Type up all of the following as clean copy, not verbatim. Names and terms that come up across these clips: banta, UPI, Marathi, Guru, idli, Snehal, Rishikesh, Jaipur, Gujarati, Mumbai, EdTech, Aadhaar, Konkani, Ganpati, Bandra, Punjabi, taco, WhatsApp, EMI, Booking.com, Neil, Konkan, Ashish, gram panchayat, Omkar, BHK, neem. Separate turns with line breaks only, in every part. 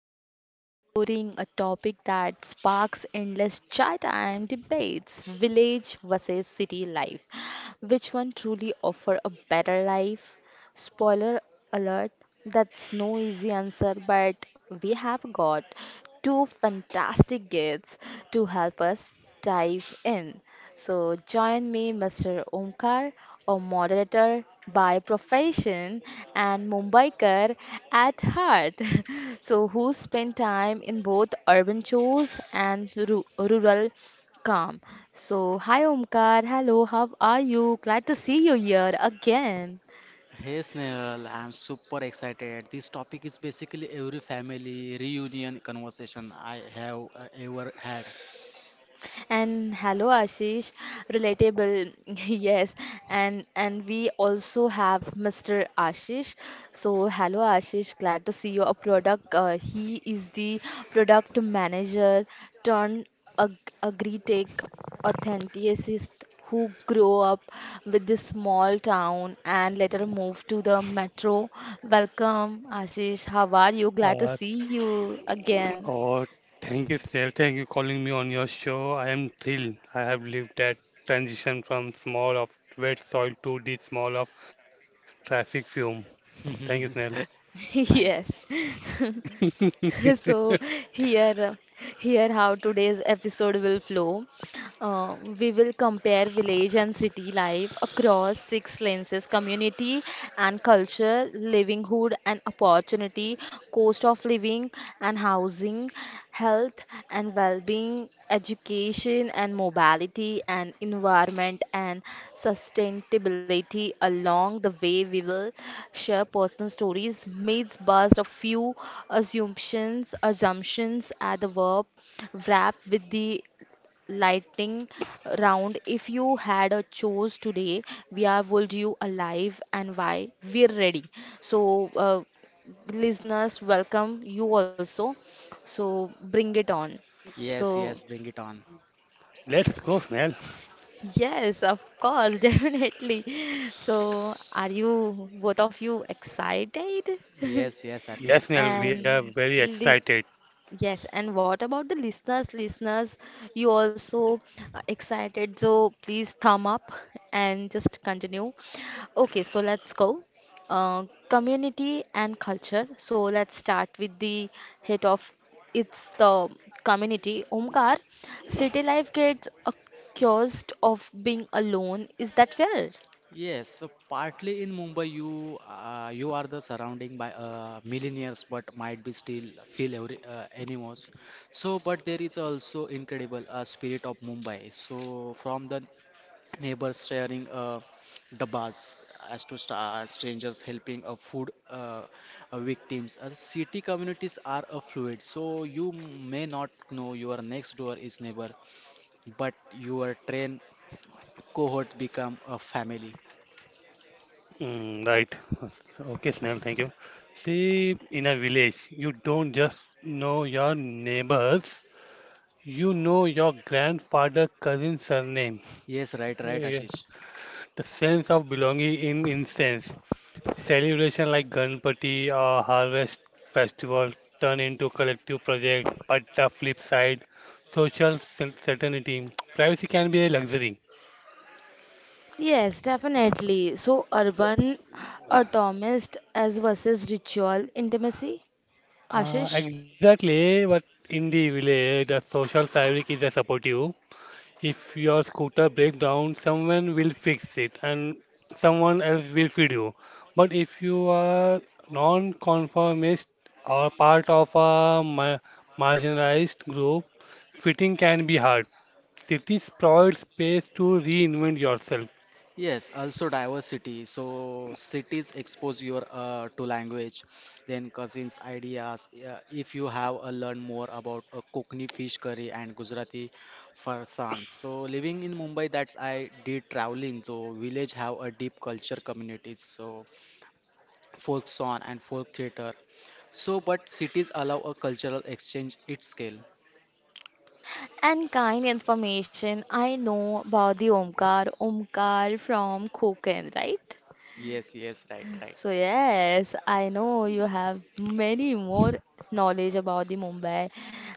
we are exploring a topic that sparks endless chat and debates, village versus city life. Which one truly offer a better life? Spoiler alert, that's no easy answer, but we have got two fantastic guests to help us dive in. So join me, Mr. Omkar, a moderator by profession and Mumbaikar at heart. So who spent time in both urban chores and rural calm. So, hi Omkar, hello, how are you? Glad to see you here again.
Hey Snehal, I'm super excited. This topic is basically every family reunion conversation I have ever had.
And hello Ashish, relatable, yes. And we also have Mr. Ashish. So hello Ashish, glad to see you. A product. He is the product manager turned ag agri-tech authenticist who grew up with this small town and later moved to the metro. Welcome Ashish. How are you? Glad to
Uh,
see you again.
oh, Thank you, sir. Thank you calling me on your show. I am thrilled. I have lived that transition from small of wet soil to the small of traffic fume. Thank you, Snell.
Nice.
Yes. So here, uh, here how today's episode will flow. We will compare village and city life across six lenses community and culture, livelihood and opportunity, cost of living and housing, health and well being, education and mobility, and environment and sustainability. Along the way, we will share personal stories, myths, bust a few assumptions at the verb wrap with the lightning round. If you had a choice today, where would you alive and why? We're ready. So, listeners, welcome you also. So, bring it on. So,
Yes, yes, bring it on.
Let's go, Snell.
yes, of course, definitely. So, are you both of you excited?
Yes, yes,
Yes, Snell, we
absolutely.
are
And
very
lis-
excited.
Yes, and what about the listeners? Listeners, you also excited, so please thumb up and just continue. Okay, so let's go. Community and culture. So let's start with the head of it's the community. Omkar, city life gets accused of being alone. Is that fair?
Yes, so partly in Mumbai, you are the surrounding by millionaires, but might be still feel every, animals. So, but there is also incredible spirit of Mumbai. So, from the neighbors sharing dabbas as to strangers helping food victims, city communities are fluid, so you may not know your next door is neighbor, but your train cohort become a family.
Mm, right. Okay, Snell, thank you. See, in a village, you don't just know your neighbors, you know your grandfather cousin's surname.
Yes, right, right,
Yeah.
Ashish.
The sense of belonging in incense, celebration like Ganpati or harvest festival turn into collective project. But the flip side, social certainty, privacy can be a luxury.
Yes, definitely. So,
So,
urban, atomist as versus ritual intimacy, Ashish?
Exactly, but in the village, the social fabric is a supportive. If your scooter breaks down, someone will fix it and someone else will feed you. But if you are non-conformist or part of a marginalized group, fitting can be hard. Cities provide space to reinvent yourself.
Yes, also diversity. So cities expose your to language, then cousins ideas. If you have learn more about Kokni fish curry and Gujarati farsan. So living in Mumbai, that's I did traveling. So village have a deep culture communities. So folk song and folk theater. So but cities allow a cultural exchange at scale.
And kind information I know about the Omkar, Omkar from Konkan, right?
Yes, yes, right, right.
So yes, I know you have many more knowledge about the Mumbai,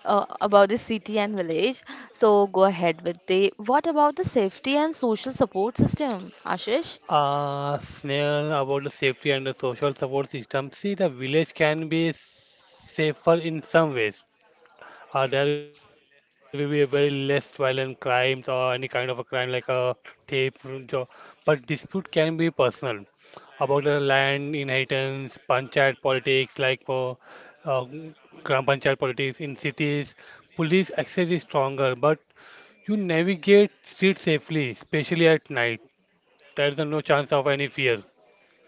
about the city and village. So go ahead with the. What about the safety and social support system, Ashish?
Snail, about the safety and the social support system. See, the village can be safer in some ways. There will be a very less violent crimes or any kind of a crime like a tape job. But dispute can be personal about the land inheritance, panchayat politics like for uh, gram panchayat politics in cities. Police access is stronger, but you navigate streets safely, especially at night. There is no chance of any fear.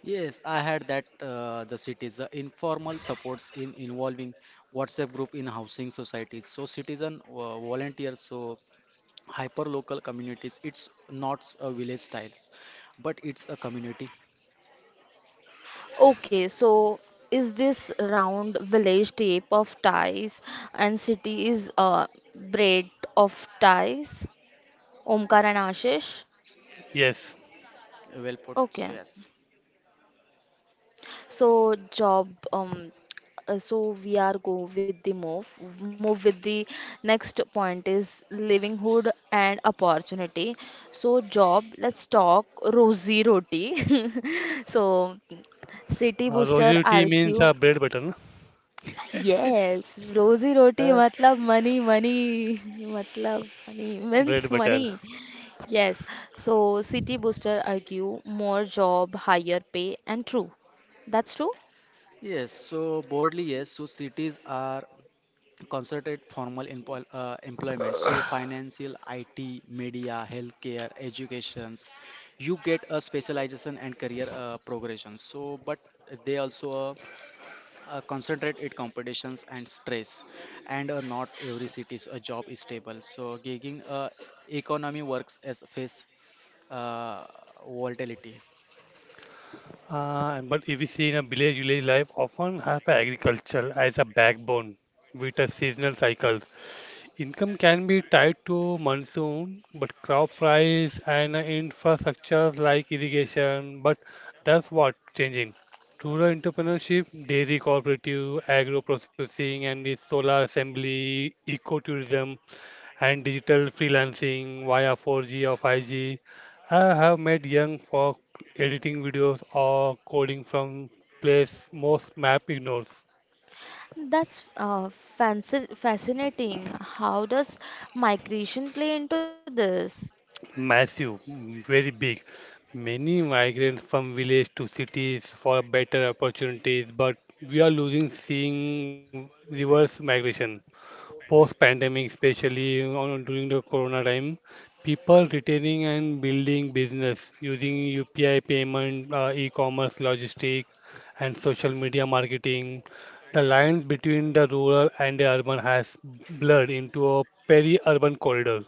Yes, I had that the cities, the informal supports in involving WhatsApp group in housing societies. So citizen volunteers, so hyper local communities. It's not a village styles, but it's a community.
Okay, so is this round village tape of ties and city is braid of ties? Omkar and Ashish?
Yes,
Well put, so
Okay,
yes.
so job, so we are go with the move. Move with the next point is livelihood and opportunity. So job, let's talk rosy roti. So city booster
roti means
argue,
bread butter, na?
yes, rosy roti
Uh,
matlab money, money, matlab money means
Bread
money.
butter.
Yes, so city booster argue more job, higher pay, and true. That's true.
Yes, so broadly, yes. So cities are concerted formal employment. So financial, IT, media, healthcare, educations. You get a specialization and career progression. So, but they also concentrate it competitions and stress, and not every city's a job is stable, so gigging economy works as face uh, volatility.
But if we see in a village, village life often have agriculture as a backbone with a seasonal cycles. Income can be tied to monsoon, but crop price and infrastructures like irrigation, but that's what changing. Rural entrepreneurship, dairy cooperative, agro processing, and the solar assembly, ecotourism, and digital freelancing via 4G or 5G. I have met young folk editing videos or coding from place most map ignores.
That's fascinating. How does migration play into this?
Massive, very big. Many migrants from village to cities for better opportunities, but we are losing seeing reverse migration. Post-pandemic, especially on, during the corona time, people retaining and building business using UPI payment, e-commerce, logistics, and social media marketing. The lines between the rural and the urban has blurred into a peri-urban corridor.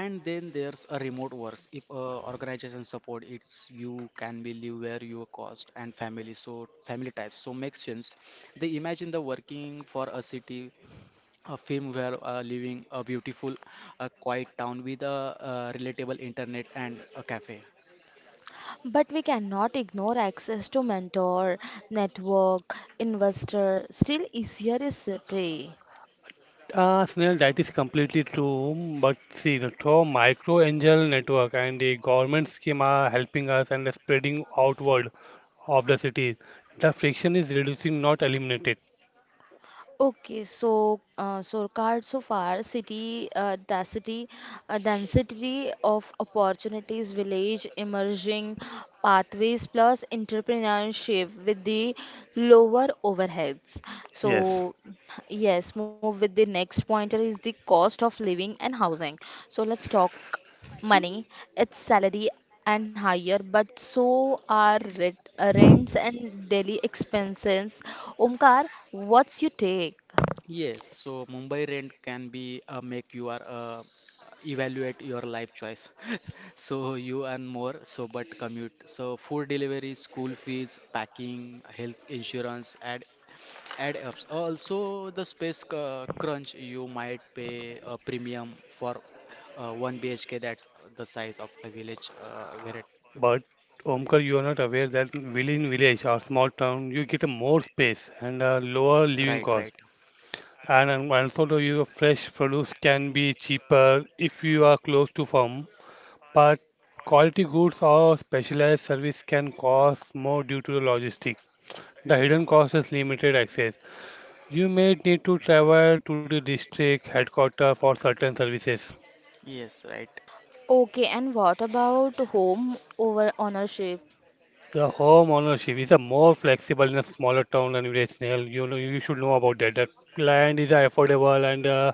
And then there's a remote works if organization support, it's you can be live where your cost and family, so family types, so makes sense they imagine the working for a city, a film where living a beautiful a quiet town with a relatable internet and a cafe.
But we cannot ignore access to mentor, network, investor. Still, easier is city.
Snell, that is completely true. But see, the through micro angel network and the government scheme are helping us and spreading outward of the city. The friction is reducing, not eliminated.
Okay, so so card so far, city density of opportunities, village, emerging pathways, plus entrepreneurship with the lower overheads.
Yes,
So yes, move with the next pointer is the cost of living and housing. So let's talk money, its salary and higher, but so are rent, rents and daily expenses. Omkar, what's your take?
Yes, so Mumbai rent can be make you are evaluate your life choice. So you earn more, so but commute. So food delivery, school fees, packing, health insurance, add ups. Also the space crunch, you might pay a premium for one BHK. That's the size of the village. Where it,
but Omkar, you are not aware that village in village or small town, you get a more space and a lower living
right,
cost.
right.
And Also, the, your fresh produce can be cheaper if you are close to farm. But quality goods or specialized service can cost more due to the logistics. The hidden cost is limited access. You may need to travel to the district headquarters for certain services.
Yes, right.
Okay, and what about home over ownership?
The home ownership is a more flexible in a smaller town than village. Snail. You know, you should know about that. The land is affordable and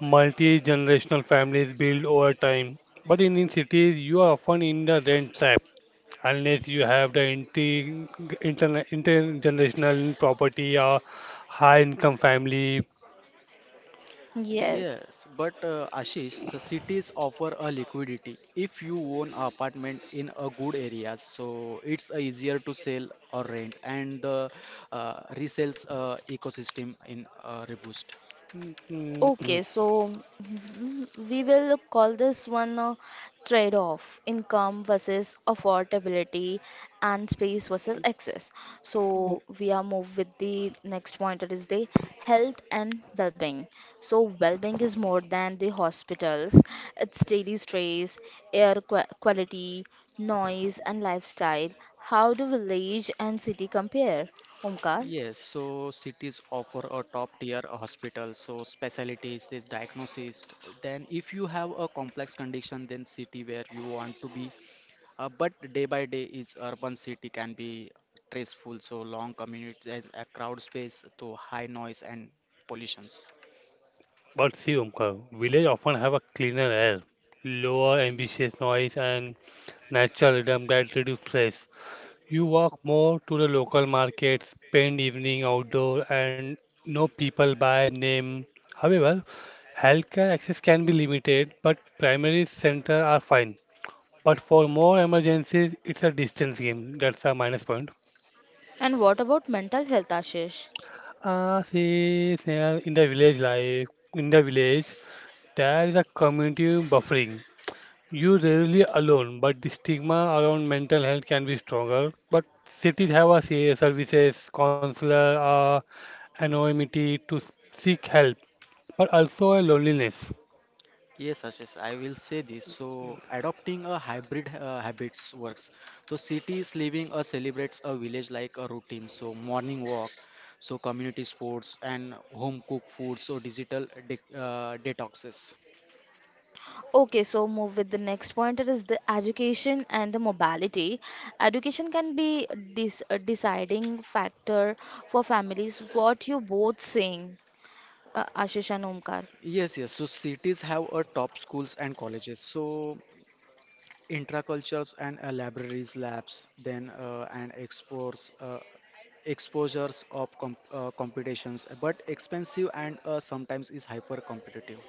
multi-generational families build over time. But in cities, you are often in the rent trap. Unless you have the intergenerational property or high income family.
Yes.
Yes, but Ashish, the cities offer a liquidity. If you own an apartment in a good area, so it's easier to sell or rent, and the resales ecosystem in Reboost.
Mm, mm.
Okay, so we will call this one a trade-off, income versus affordability and space versus access.
oh,
So we are moved with the next point that is the health and well-being. So well-being is more than the hospitals. It's daily stress, air qua quality, noise and lifestyle. How do village and city compare? Omkar?
Yes, so cities offer a top tier hospital, so specialties, this diagnosis. Then, if you have a complex condition, then city where you want to be. But day by day is urban city can be stressful, so long commute as a crowd space to high noise and pollutions.
But see, Omkar, village often have a cleaner air, lower ambitious noise, and natural rhythm that reduce stress. You walk more to the local market, spend evening outdoor, and know people by name. However, healthcare access can be limited, but primary centers are fine. But for more emergencies, it's a distance game. That's a minus point.
And what about mental health, Ashish?
See, Sneha, in the village life, in the village, there is a community buffering. You rarely alone, but the stigma around mental health can be stronger. But cities have a say, services, counselor, anonymity to seek help, but also a loneliness.
Yes, Ashish, I will say this. So, adopting a hybrid habits works. So, cities living a celebrates a village like a routine. So, morning walk, so community sports and home cooked food. So, digital de detoxes.
Okay, so move with the next point. It is the education and the mobility. Education can be this deciding factor for families. What you both saying, Ashish and Omkar.
Yes, yes. So cities have a top schools and colleges. So intracultures and libraries labs, then and exports exposures of competitions, but expensive and sometimes is hyper competitive.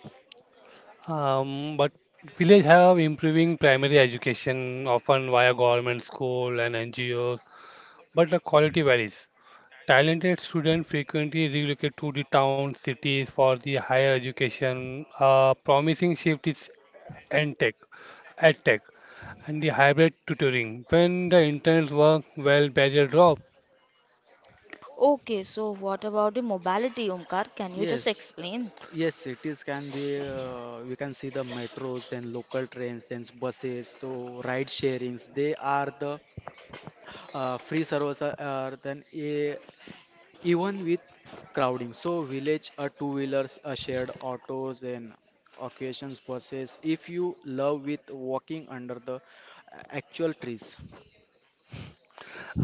But village have improving primary education, often via government school and N G O's. But the quality varies. Talented students frequently relocate to the town cities for the higher education. A promising shift is EdTech, EdTech, and the hybrid tutoring. When the interns work well, barrier drop.
Okay, so what about the mobility, Omkar? Can you just
Yes,
explain?
yes, cities can be we can see the metros, then local trains, then buses, so ride sharings, they are the free service are, then a. Even with crowding, so village are two wheelers, a shared autos and occasions buses. If you love with walking under the actual trees.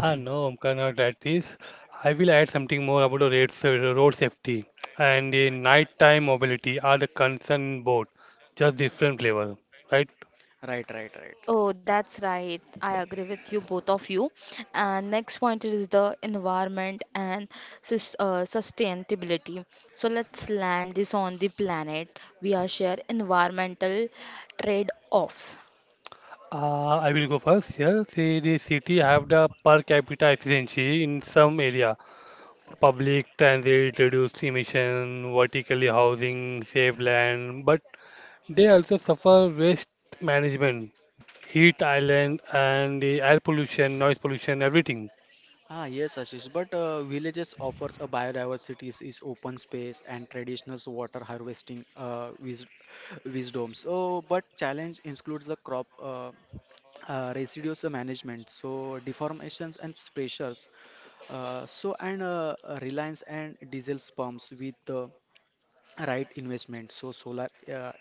Ah, no, Omkar, not that is. I will add something more about the road safety and the nighttime mobility are the concern both, just different level, right?
Right, right, right,
Oh,
right.
that's right. I agree with you, both of you. And next point is the environment and sustainability. So let's land this on the planet. We are share environmental trade-offs.
I will go first here. See, the city have the per capita efficiency in some area. Public transit reduced emission, vertically housing, save land, but they also suffer waste management, heat island, and the air pollution, noise pollution, everything.
Ah, yes, Ashish. But villages offers a biodiversity is open space and traditional water harvesting wisdom. So, but challenge includes the crop residues management. So, deformations and pressures. So and Reliance and diesel pumps with the right investment. So solar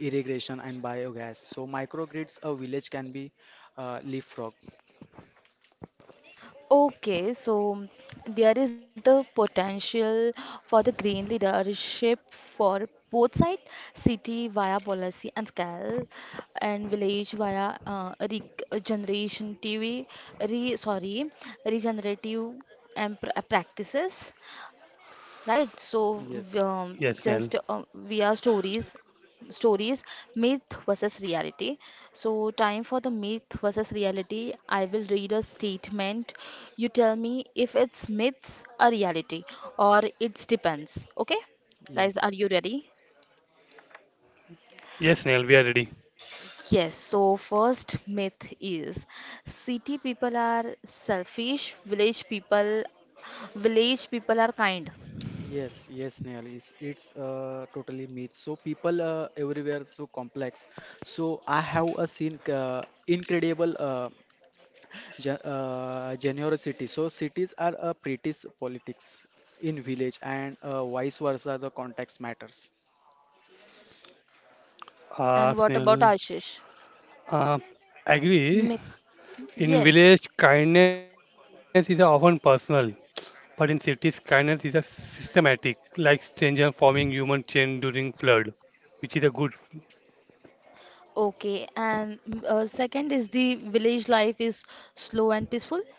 irrigation and biogas. So microgrids a village can be leapfrog.
Okay, so there is the potential for the green leadership for both side, city via policy and scale, and village via uh, regeneration TV, re, sorry, regenerative and practices right? So v-
Yes,
Yes, Snell.
just we are stories, stories, myth versus reality. So time for the myth versus reality. I will read a statement. You tell me if it's myths or reality, or it's depends. Okay, guys, are
yes.
you ready?
Yes, Snell, we are ready.
Yes, so first myth is city people are selfish, village people are kind.
Yes, yes, Neil, it's totally myth. So people everywhere so complex. So I have a seen incredible generosity. So cities are a British politics in village and vice versa, the context matters.
Uh,
And what about
Snell,
Ashish?
uh, Agree.
Myth.
In
Yes.
village, kindness is often personal. But in cities, kindness is a systematic, like stranger forming human chain during flood, which is a good.
Okay, and second is the village life is slow and peaceful.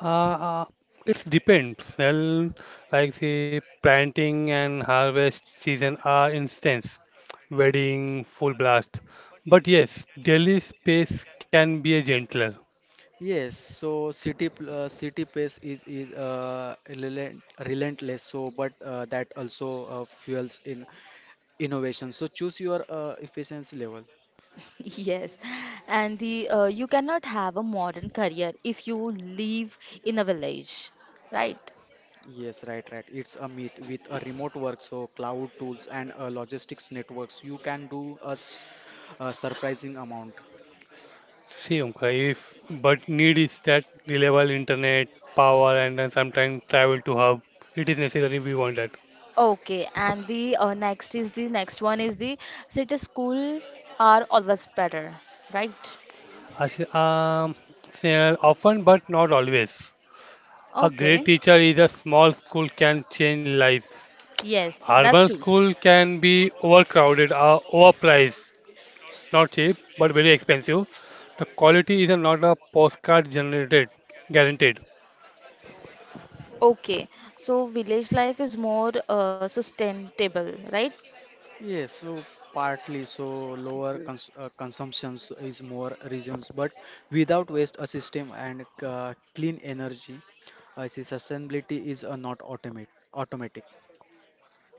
Uh, uh, it depends. Well, like say planting and harvest season are instance, wedding full blast. But yes, daily space can be a gentler.
Yes, so city pace is relentless. So, but that also fuels in innovation. So choose your efficiency level.
Yes, and the you cannot have a modern career if you live in a village, right?
Yes, right, right. It's a myth with a remote work, so cloud tools and logistics networks. You can do a surprising amount.
See, Omkar, if but need is that reliable internet, power, and then sometimes travel to hub. It is necessary. We want that.
Okay, and the next one is the city school are always better, right?
Ashi- Um, Snehal, often but not always. A great
Okay,
teacher is a small school can change lives.
yes,
Urban
that's true.
school can be overcrowded, overpriced, not cheap but very expensive. The quality is not a postcard generated, guaranteed.
Okay, so village life is more sustainable, right?
Yes, so partly so lower consumptions is more reasons, but without waste a system and clean energy, I see sustainability is not automate automatic.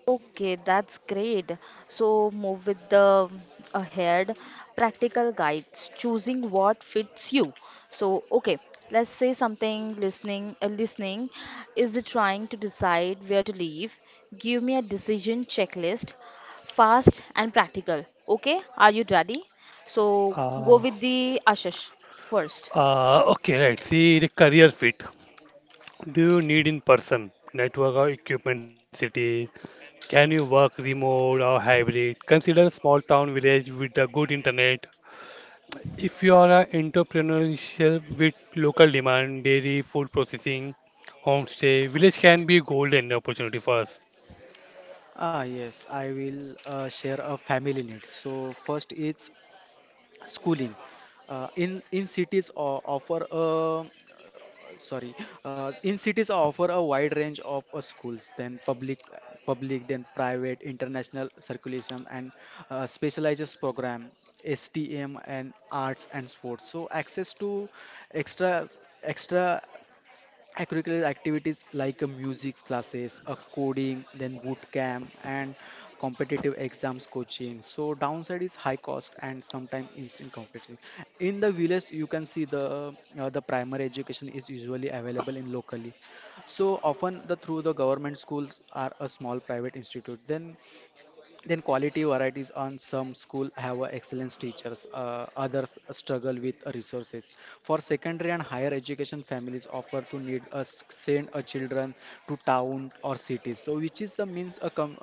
Okay, that's great. So move with the ahead practical guides, choosing what fits you. So okay, let's say something listening is it trying to decide where to live. Give me a decision checklist, fast and practical. Okay, are you ready? So go
Uh,
with the Ashish first.
okay, right. See the career fit. Do you need in person? Network or equipment city? Can you work remote or hybrid? Consider a small town village with a good internet. If you are an entrepreneurship with local demand, dairy, food processing, homestay, village can be golden opportunity for us.
Ah, yes, I will share a family needs. So first is schooling. In cities offer a sorry, in cities offer a wide range of schools, then public, then private international circulation and specialized program STM, and arts and sports, so access to extra extra extracurricular activities like music classes, a coding, then boot camp, and competitive exams coaching. So downside is high cost and sometimes instant competition. In the village, you can see the primary education is usually available in locally. So often the through the government schools are a small private institute. Then quality varieties on some school have a excellence teachers, others struggle with resources for secondary and higher education, families offer to need send a children to town or cities, so which is the means a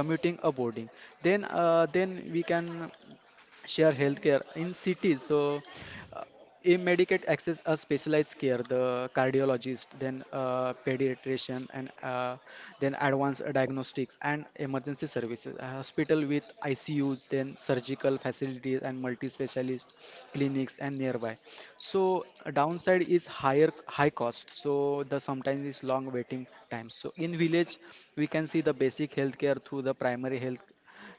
commuting a boarding, then we can share healthcare in cities. So, uh, in Medicaid access a specialized care, the cardiologist, then pediatrician, and then advanced diagnostics and emergency services. A hospital with ICUs, then surgical facilities and multi-specialist clinics and nearby. So, a downside is high cost. So, the sometimes is long waiting times. So, in village, we can see the basic healthcare through the primary health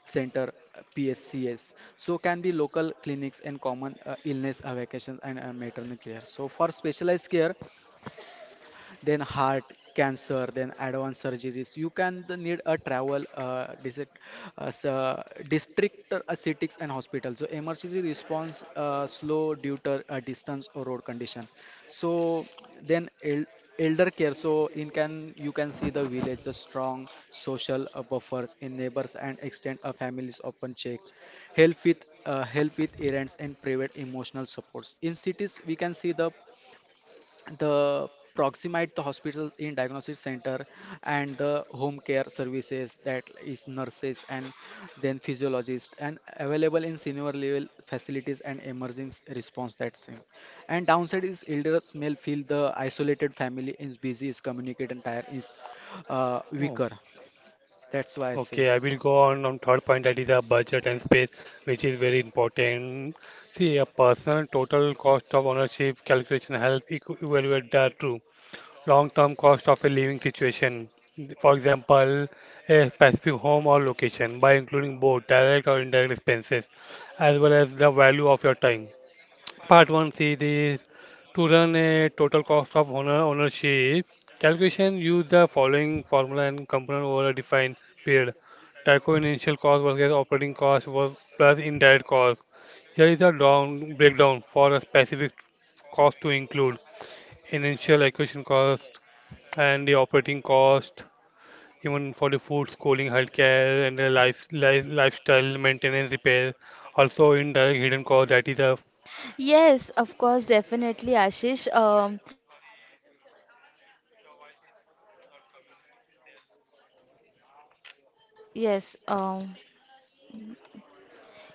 center PSCS. So can be local clinics and common illness, vacations and maternal care. So for specialized care, then heart cancer, then advanced surgeries, you can the need a travel district aesthetics, and hospital. So emergency response slow due to distance or road condition, so then elder care, so in can you can see the village the strong social buffers in neighbors and extend a families often check help with errands and private emotional supports. In cities we can see the proximate the hospital in diagnostic center, and the home care services, that is nurses and then physiologist and available in senior level facilities and emerging response, that's it. And downside is elders may feel the isolated family is busy is communicate and tire is
Okay.
weaker. That's why I say
Okay, I will go on third point that is a budget and space, which is very important. See, a personal total cost of ownership calculation help evaluate the true long-term cost of a living situation. For example, a specific home or location by including both direct or indirect expenses, as well as the value of your time. Part 1 theory to run a total cost of owner ownership calculation use the following formula and component over a defined period tyco initial cost versus operating cost was plus indirect cost. Here is the down breakdown for a specific cost to include initial acquisition cost and the operating cost even for the food schooling healthcare and the life, life lifestyle maintenance repair, also indirect hidden cost that is a
Yes, of course, definitely, Ashish. Are you
sorry.
just
The
hearing my
voice
vo
is
voice?
not coming, well.
Yes,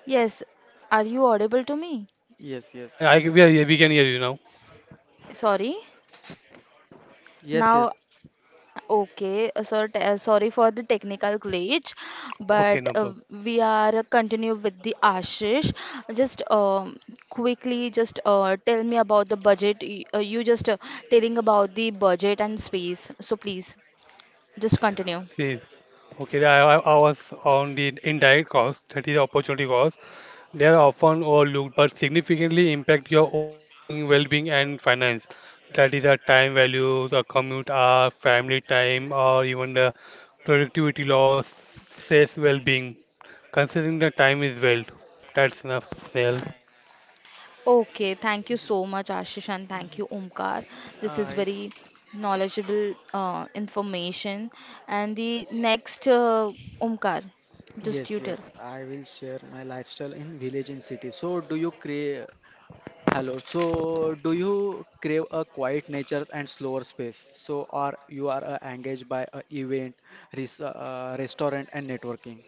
yes. Are you audible to me?
yes,
No,
yes,
I, we can hear you now.
Sorry.
yes,
Now,
yes,
okay. So, sorry for the technical glitch, but
Okay, no problem.
we are continue with the Ashish. Just quickly, just tell me about the budget. You just telling about the budget and space. So please, just continue.
See, okay, I was on the indirect cost, that is opportunity cost. They are often overlooked, but significantly impact your overall well-being, and finance. That is our time value, the commute hour, family time, or even the productivity loss, stress, well-being. Considering the time is wealth. That's enough, Snail.
Okay, thank you so much, Ashish, and thank you, Omkar. This is
I.
very knowledgeable information. And the next, Omkar, just you
Yes,
tell.
yes, I will share my lifestyle in village and city. So, do you create? Hello. So, do you crave a quiet nature and slower space? So, or you are engaged by a event, restaurant, and networking?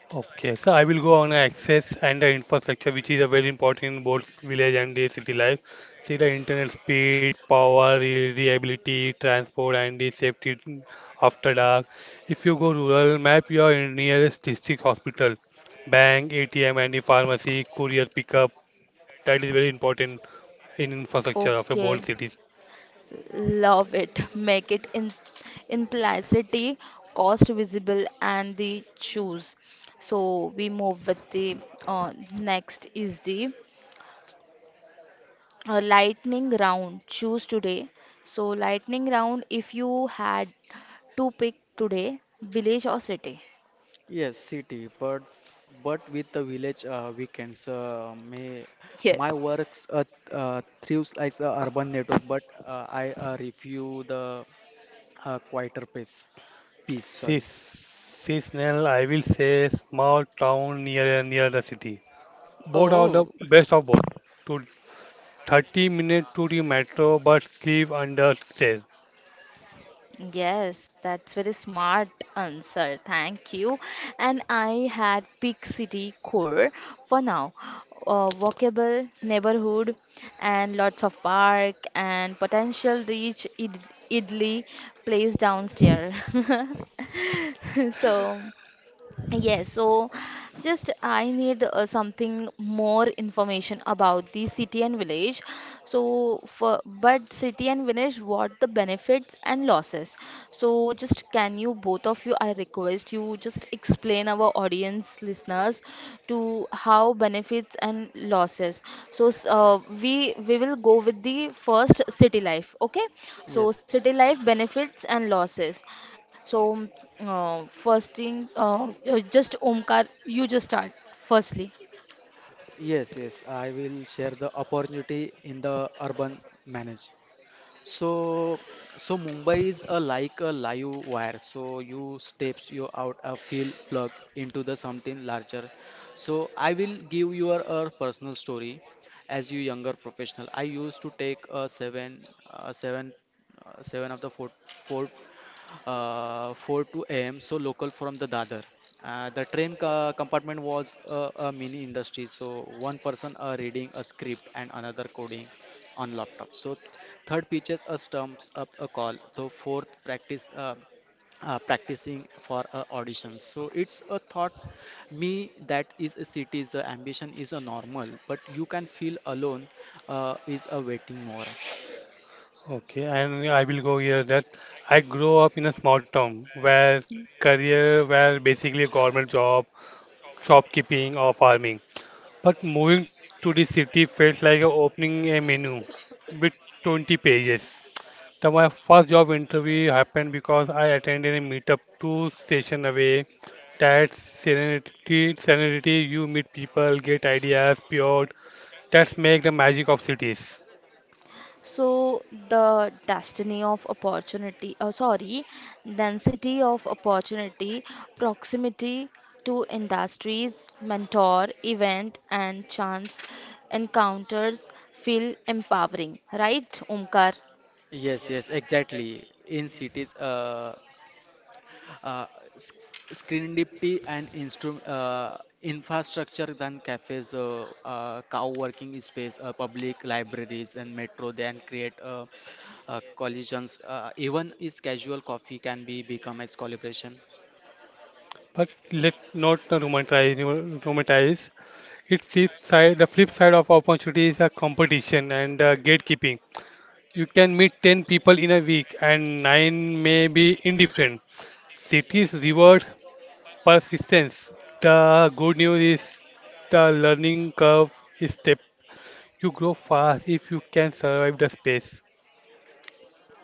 Okay, so I will go on access and the infrastructure, which is a very important in both village and the city life. See the internet speed, power, reliability, transport, and the safety after dark. If you go rural, map your nearest district hospital, bank, ATM, and the pharmacy, courier pickup. That is very important in infrastructure of
Okay,
a bold city.
love it. Make it in implicity, cost visible, and the choose. So we move with the next is the a lightning round choose today so lightning round if you had to pick today village or city.
Yes, city, but with the village weekends, may my
Yes.
works thrives like a urban network, but I review the quieter pace. Peace,
See,
sorry.
seasonal, I will say small town near the city. Both are the
Oh,
best of both. To 30 minutes to the metro but sleep under stairs.
yes that's very smart answer thank you and I had pick city core for now walkable neighborhood and lots of park and potential reach idli place downstairs. So yes, so just I need something more information about the city and village. So for but city and village, what the benefits and losses? So just can you both of you, I request you just explain our audience listeners to how benefits and losses. So we will go with the first city life. Okay, so
Yes,
city life benefits and losses. So, first thing, just Omkar, you just start firstly.
yes, yes. I will share the opportunity in the urban manage. So, so, Mumbai is a like a live wire. So you steps you out a field plug into the something larger. So I will give your a personal story. As you younger professional, I used to take seven of the four, four 4 to am, so local from the dadar, the train compartment was a mini industry, so one person reading a script and another coding on laptop, so third pitches a stumps up a call, so fourth practice practicing for auditions. So it's a thought me that is a city is the ambition is a normal, but you can feel alone, is a waiting more.
Okay, and I will go here that I grew up in a small town where career were basically a government job, shopkeeping or farming. But moving to the city felt like opening a menu with 20 pages. So my first job interview happened because I attended a meetup two station away. That serenity, you meet people, get ideas, pure. That's make the magic of cities.
So the destiny of opportunity, oh sorry, density of opportunity, proximity to industries, mentor, event, and chance encounters feel empowering, right, Omkar?
Yes, yes, exactly. In cities, uh, s- serendipity and infrastructure than cafes, co-working space, public libraries, and metro. Then create collisions. Even is casual coffee can be become as collaboration.
But let not romanticize, romanticize. It flip side, the flip side of opportunity is a competition and gatekeeping. You can meet 10 people in a week and 9 may be indifferent. Cities reward persistence. The good news is the learning curve is steep. You grow fast if you can survive the space.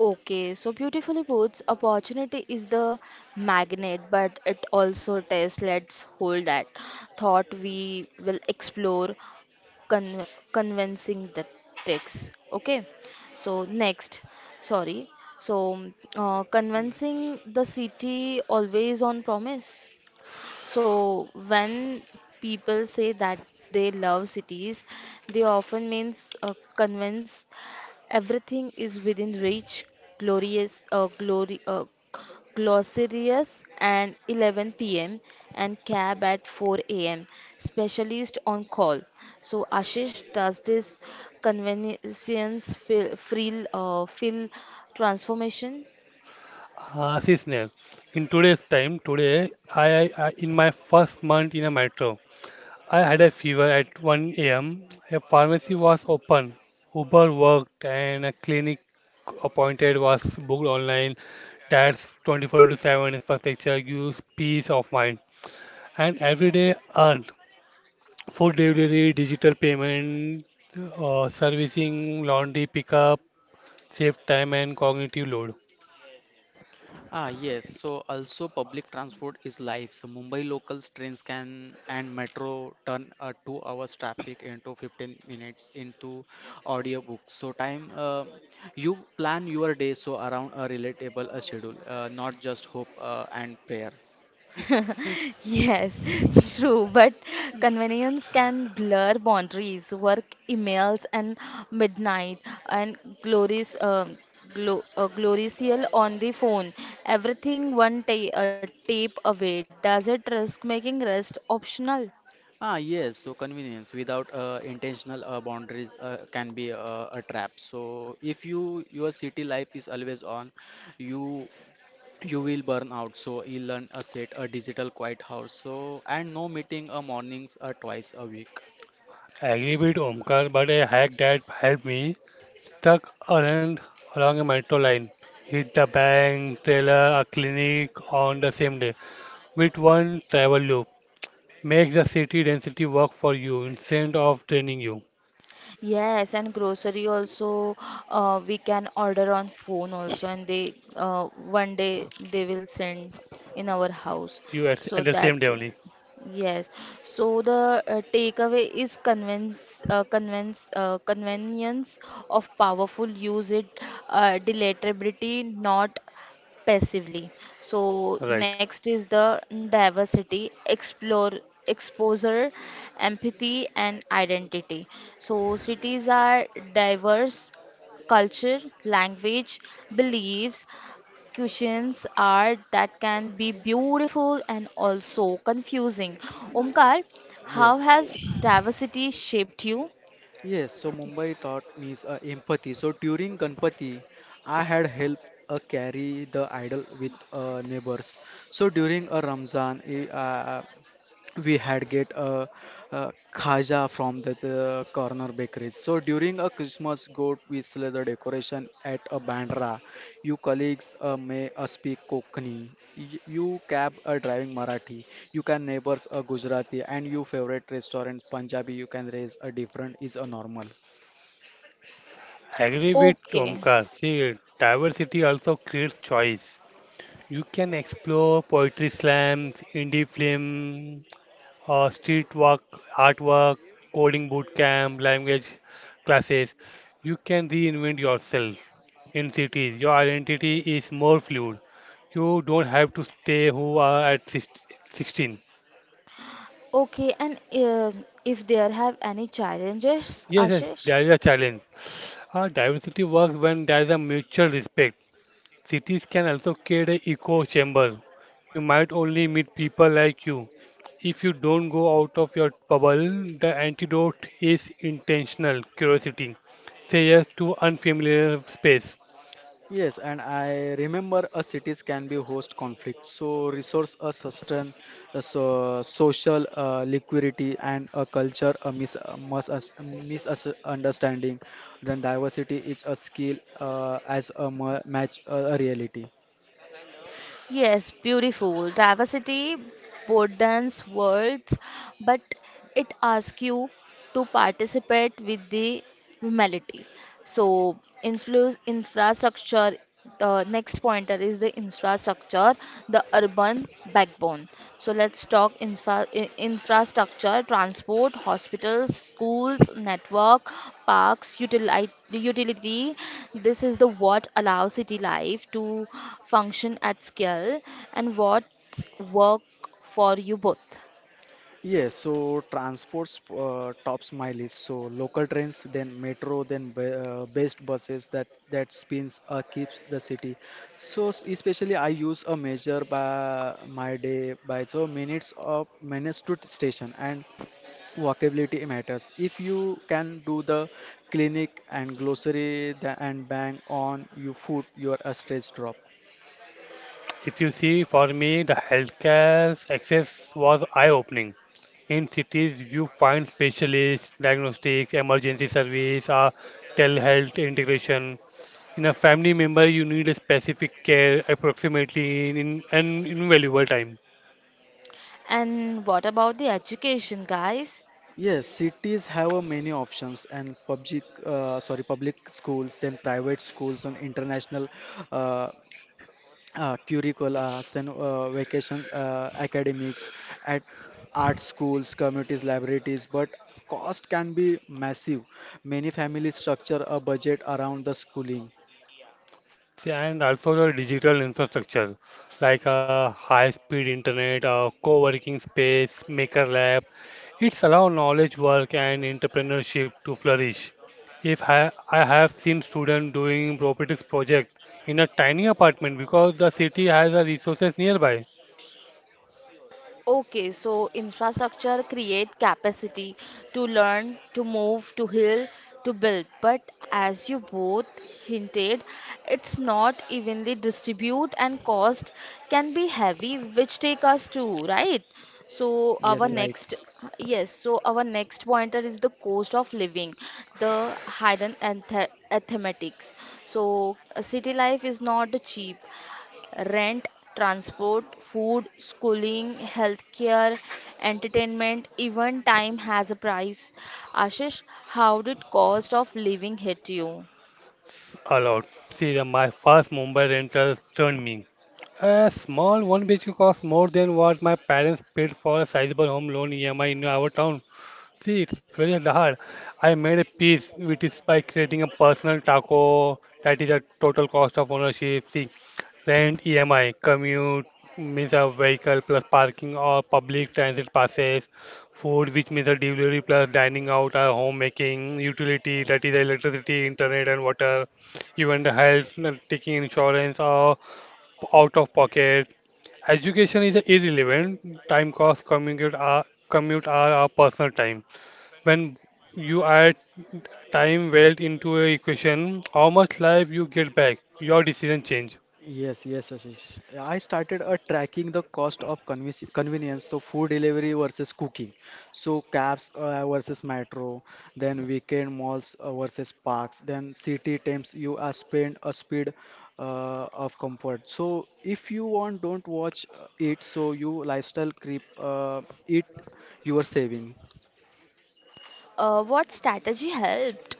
Okay, so beautifully puts, opportunity is the magnet, but it also tests. Let's hold that thought. We will explore con convincing the text. Okay, so sorry, so convincing the city always on promise. So when people say that they love cities, they often means convince everything is within reach, glorious, uh, glory, uh, Glossarius and 11 p.m. and cab at 4 a.m. Specialist on call. So Ashish, does this feel transformation?
Ah, seasonal. In today's time, today I- in my first month in a metro. I had a fever at 1 a.m. A pharmacy was open. Uber worked and a clinic appointed was booked online. That's 24 into 7 infrastructure gives peace of mind. And everyday earn. Food delivery, digital payment, servicing, laundry pickup, save time and cognitive load.
Ah, yes. So also public transport is life. So Mumbai locals trains can and metro turn a 2 hours traffic into 15 minutes into audiobook. So time you plan your day so around a relatable schedule, not just hope and prayer.
Yes, true, but convenience can blur boundaries, work emails and midnight and glories glo gloriously on the phone. Everything one ta uh, tape away. Does it risk making rest optional?
Ah, yes. So convenience without intentional boundaries can be a trap. So if your city life is always on, you you will burn out, so you learn a set a digital quiet house, so and no meeting a mornings or twice a week.
I agree with Omkar, but a hack that helped me stuck around along a metro line, hit the bank, teller, a clinic on the same day with one travel loop. Makes the city density work for you instead of draining you.
Yes, and grocery also we can order on phone also, and they one day they will send in our
You
house.
at the
So
same day
that
only.
is- yes. So the takeaway is convince convince convenience of powerful use it delectability, not passively. So
Right.
next is the diversity, explore, exposure, empathy, and identity. So cities are diverse culture, language, beliefs, cuisines, art that can be beautiful and also confusing. Omkar, how
Yes.
has diversity shaped you?
Yes, so Mumbai taught me is, empathy. So during Ganpati I had helped carry the idol with neighbors. So during a Ramzan we had get a khaja from the corner bakery. So during a Christmas goat we sell the decoration at a Bandra. You colleagues may speak Konkani. You cab a driving Marathi. You can neighbors a Gujarati and you favorite restaurants Punjabi. You can raise a different is a normal.
I agree with
Okay,
Omkar. See, diversity also creates choice. You can explore poetry slams, indie film, street work, artwork, coding bootcamp, language classes. You can reinvent yourself in cities. Your identity is more fluid. You don't have to stay who are at 16.
okay, and if there have any challenges,
Yes, yes,
Ashish?
there is a challenge. Diversity works when there is a mutual respect. Cities can also create an echo chamber. You might only meet people like you. If you don't go out of your bubble, the antidote is intentional curiosity. Say yes to unfamiliar space.
Yes, and I remember a cities can be host conflict. So resource a sustain, so social liquidity and a culture a mis misunderstanding. Then diversity is a skill as a match a reality.
Yes, beautiful. Diversity broadens worlds, but it asks you to participate with the humility. So, influ infrastructure, the next pointer is the infrastructure, the urban backbone. So let's talk infrastructure, transport, hospitals, schools, network, parks, utility. This is the what allows city life to function at scale and what's work for you both.
Yes, so transports tops my list. So local trains, then metro, then be, best buses that spins keeps the city. So especially I use a measure by my day by so minutes of minutes to station and walkability matters. If you can do the clinic and grocery the, and bang on you food, your a stress drop.
If you see, for me, the healthcare access was eye opening. In cities, you find specialists, diagnostics, emergency service, or telehealth integration. In a family member, you need a specific care approximately in an invaluable time.
And what about the education, guys?
Yes, cities have many options and public, sorry, public schools, then private schools on international uh, curricula, then vacation academics at art schools, communities, libraries, but cost can be massive. Many families structure a budget around the schooling.
See, and also the digital infrastructure like a high-speed internet, a co-working space, maker lab. It's allow knowledge work and entrepreneurship to flourish. If I, I have seen students doing robotics project in a tiny apartment because the city has the resources nearby.
Okay, so infrastructure create capacity to learn, to move, to heal, to build. But as you both hinted, it's not evenly distribute, and cost can be heavy, which take us to, right? So
Yes,
our
right.
next, yes, so our next pointer is the cost of living, the hidden mathematics. So city life is not cheap. Rent, transport, food, schooling, healthcare, entertainment, even time has a price. Ashish, how did cost of living hit you?
It's allowed. See, my first Mumbai rental turned me. A small one BHK cost more than what my parents paid for a sizable home loan EMI in our town. See, it's very hard. I made a piece which is by creating a personal taco that is a total cost of ownership. See, rent, EMI, commute means a vehicle plus parking or public transit passes, food which means a delivery plus dining out or homemaking, utility that is electricity, internet and water, even the health, taking insurance or out of pocket. Education is irrelevant. Time cost, commute, commute are our personal time. When you add time wealth into a equation, how much life you get back, your decision change.
Yes, yes, Ashish. I started tracking the cost of convenience, so food delivery versus cooking, so cabs versus metro, then weekend malls versus parks, then city times you are spend a speed of comfort. So if you want, don't watch it. So you lifestyle creep it you are saving.
What strategy helped?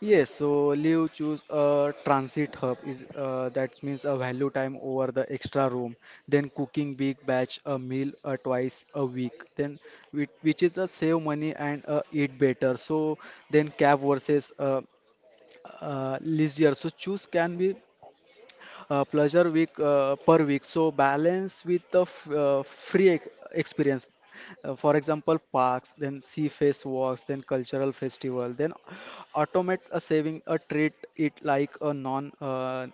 Yes, so Liu choose a transit hub is that means a value time over the extra room, then cooking big batch a meal twice a week, then which is a save money and eat better. So then cab versus leisure. So choose can be pleasure week per week. So balance with the f free ex experience. For example, parks, then sea face walks, then cultural festival, then automate a saving a treat it like a non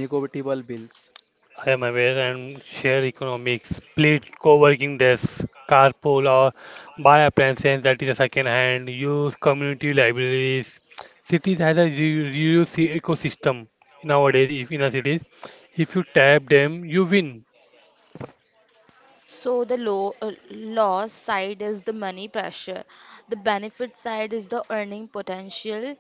negotiable bills.
I am aware and share economics, split co-working desks, carpool or buy appliances that is a second hand, use community libraries. Cities has a reuse ecosystem nowadays if in a cities, if you tap them, you win.
So the loss side is the money pressure. The benefit side is the earning potential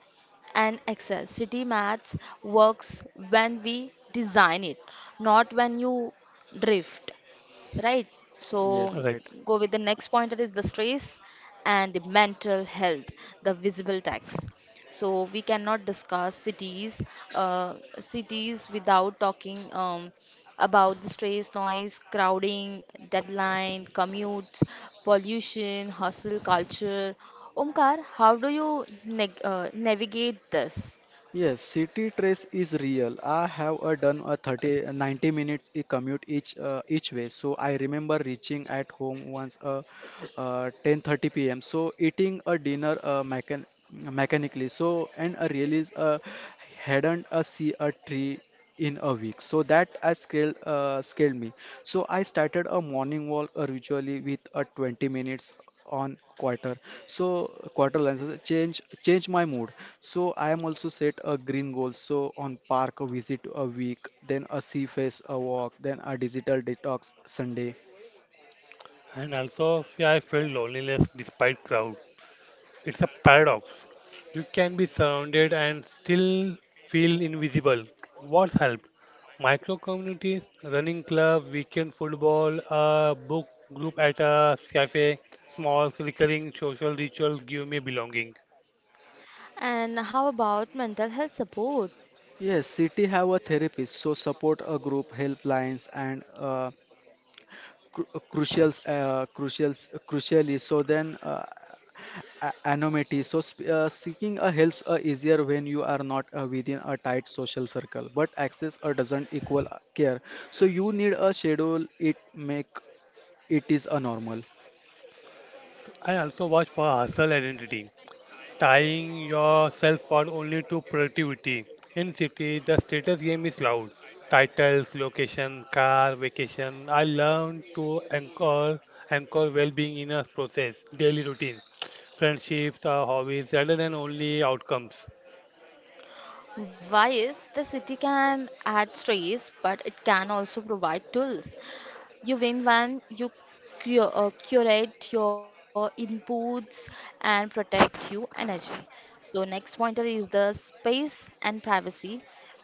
and access. City maths works when we design it, not when you drift, right? So
Yes,
Right.
right.
go with the next point that is the stress and the mental health, the visible tax. So we cannot discuss cities without talking about the stress, noise, crowding, deadline, commutes, pollution, hustle culture. Omkar, how do you navigate this?
Yes, city trace is real. I have done a 30, 90 minutes commute each way. So I remember reaching at home once 10:30 p.m. So eating a dinner mechanically. So and I realize hadn't a see a tree in a week so that I scaled me. So I started a morning walk usually with a 20 minutes on quarter, so quarter lenses change my mood. So I am also set a green goal so on park a visit a week, then a sea face a walk, then a digital detox Sunday.
And also yeah, I felt loneliness despite crowd. It's a paradox. You can be surrounded and still feel invisible. What's helped? Micro communities, running club, weekend football, a book group at a cafe, small recurring social rituals give me belonging.
And how about mental health support?
Yes, city have a therapist, so support a group, helplines, and cru- crucials crucials crucially. So then anonymity so seeking a helps easier when you are not within a tight social circle, but access doesn't equal care. So you need a schedule it make it is a normal.
I also watch for hustle identity, tying yourself for only to productivity. In city, the status game is loud. Titles, location, car, vacation. I learned to anchor well-being in a process, daily routine, friendships, hobbies, rather than only outcomes.
Why is the city can add stress, but it can also provide tools. You win when you curate your inputs and protect your energy. So next pointer is the space and privacy.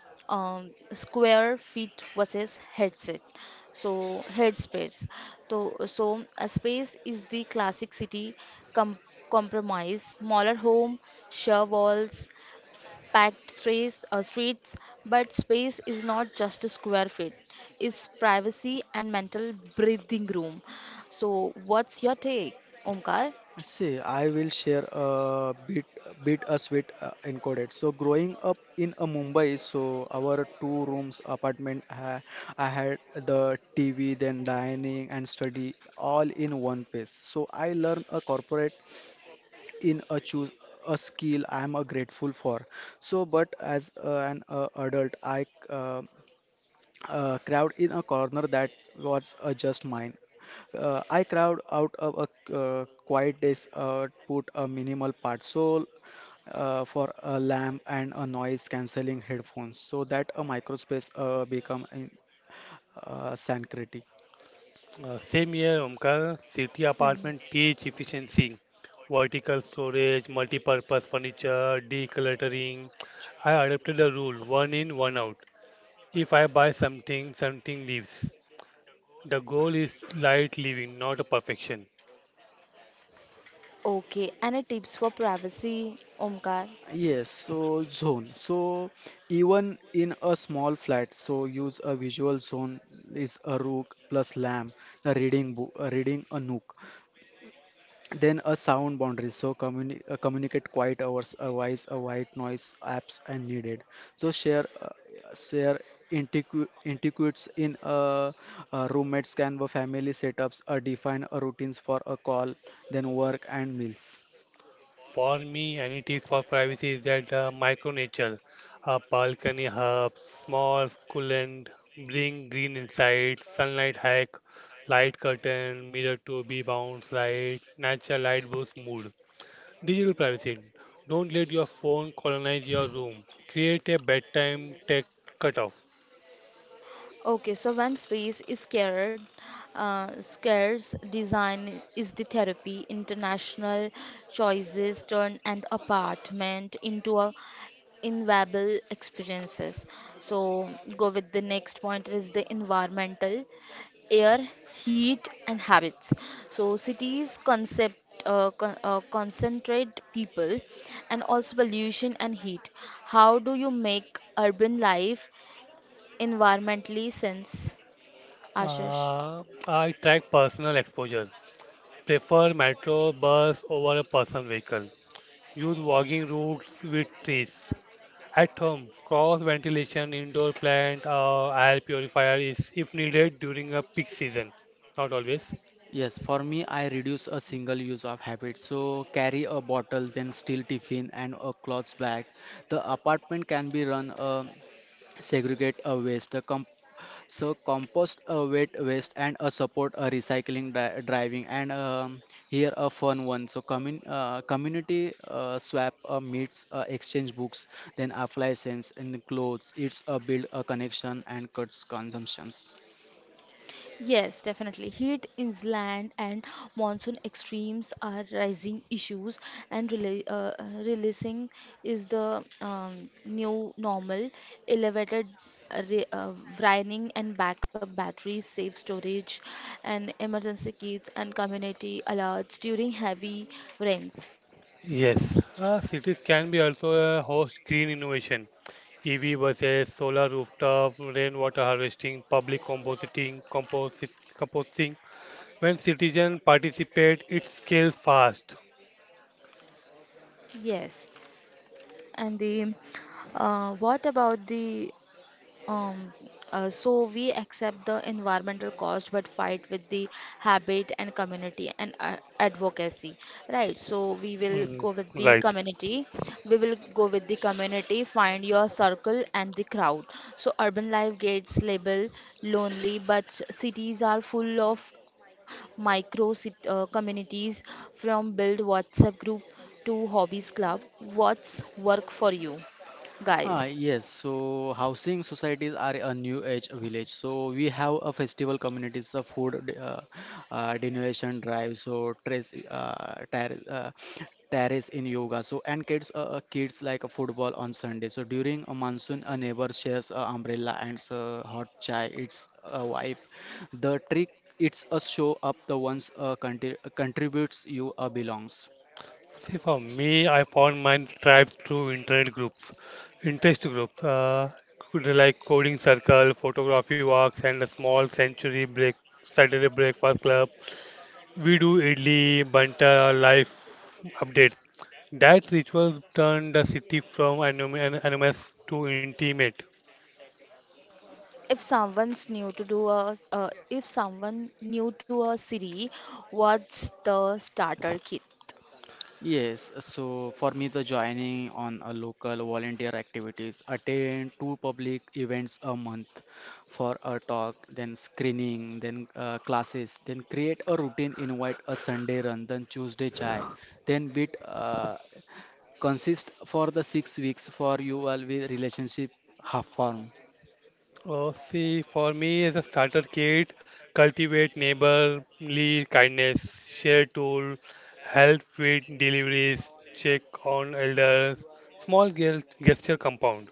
Square feet versus headset, so headspace. So a space is the classic city com- compromise, smaller home, sheer walls, packed streets. But space is not just a square feet, it's privacy and mental breathing room. So what's your take, Omkar?
I see, I will share a bit a sweet encoded. So growing up in a Mumbai, so our two rooms apartment, I had the TV, then dining and study all in one place. So I learned a corporate in a choose a skill I am grateful for. So, but as an adult, I crowd in a corner that was just mine. I crowd out of a quiet days, put a minimal part soul for a lamp and a noise cancelling headphones so that a microspace become sanctity.
Same year, Omkar, city
Seven.
apartment teach efficiency, vertical storage, multi-purpose furniture, decluttering. I adopted a rule, one in, one out. If I buy something, something leaves. The goal is light living, not a perfection.
Okay, any tips for privacy, Omkar?
Yes, so zone. So even in a small flat, so use a visual zone is a rook plus lamp, a reading book, a reading a nook. Then a sound boundary. So communicate quiet hours, a voice, a white noise apps and needed. So share antiquities in roommates, Canva family setups, define routines for a call, then work and meals.
For me, and it is for privacy, is that micro nature, a balcony hub, small coolant, bring green inside, sunlight hack, light curtain, mirror to be bounce light, natural light boosts mood. Digital privacy. Don't let your phone colonize your room. Create a bedtime tech cutoff.
Okay, so when space is scarce, design is the therapy. International choices turn an apartment into a invaluable experiences. So go with the next point is the environmental, air, heat, and habits. So cities concentrate people, and also pollution and heat. How do you make urban life environmentally sense? Ashish.
I track personal exposure. Prefer metro bus over a personal vehicle. Use walking routes with trees. At home, cross ventilation, indoor plant, air purifier is if needed during a peak season. Not always.
Yes, for me, I reduce a single use of habit. So carry a bottle, then steel tiffin and a cloth bag. The apartment can be run, um, segregate a waste. The So compost a wet waste and a support a recycling driving, and, here a fun one. So community swap meets exchange books, then appliances and clothes. It's a build a connection and cuts consumptions.
Yes, definitely. Heat, inland, and monsoon extremes are rising issues, and rela releasing is the new normal. Elevated, re brining, and backup batteries, safe storage, and emergency kits, and community alerts during heavy rains.
Yes, cities can be also host green innovation. EV buses, solar rooftop, rainwater harvesting, public composting, composting. When citizens participate, it scales fast.
Yes, and the what about the Um, so we accept the environmental cost but fight with the habit and community and advocacy, right? So we
Mm,
will go
right.
with the community. We will go with the community, find your circle and the crowd. So urban life gets labeled lonely, but cities are full of micro cit communities, from build WhatsApp group to hobbies club. What's work for you,
Ah,
guys?
yes, so housing societies are a new age village. So we have a festival communities, a donation drive, so terrace in yoga. So and kids like a football on Sunday. So during a monsoon, a neighbor shares a umbrella and hot chai. It's a vibe. The trick, it's a show up the ones contributes you belongs.
See, for me, I found my tribe through internet groups, interest groups, like coding circle, photography walks, and a small century break Saturday breakfast club. We do idli, banta, life update. That rituals turned the city from anonymous to intimate.
If someone's new to do a, if someone new to a city, what's the starter kit?
Yes, so for me, the joining on a local volunteer activities, attend 2 public events a month for a talk, then screening, then classes, then create a routine, invite a Sunday run, then Tuesday chai, then bit consist for the 6 weeks for you all with relationship half form.
Oh, see, for me as a starter kit, cultivate neighborly kindness, share tool, help with deliveries, check on elders, gesture compound.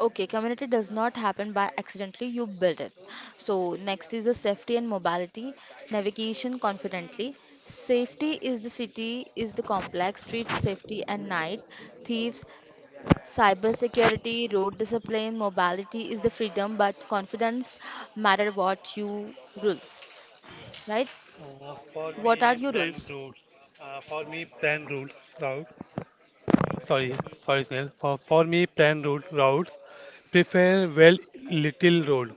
Okay, community does not happen by accidentally, you build it. So, next is the safety and mobility, navigation confidently. Safety is the city, is the complex, street safety and night, thieves, cyber security, road discipline, mobility is the freedom, but confidence matter what you rules, right?
For
What are
me,
your
plan
rules?
routes. For me, plan routes route. Sorry, sorry, Snail. For me, plan routes. Prefer well little road.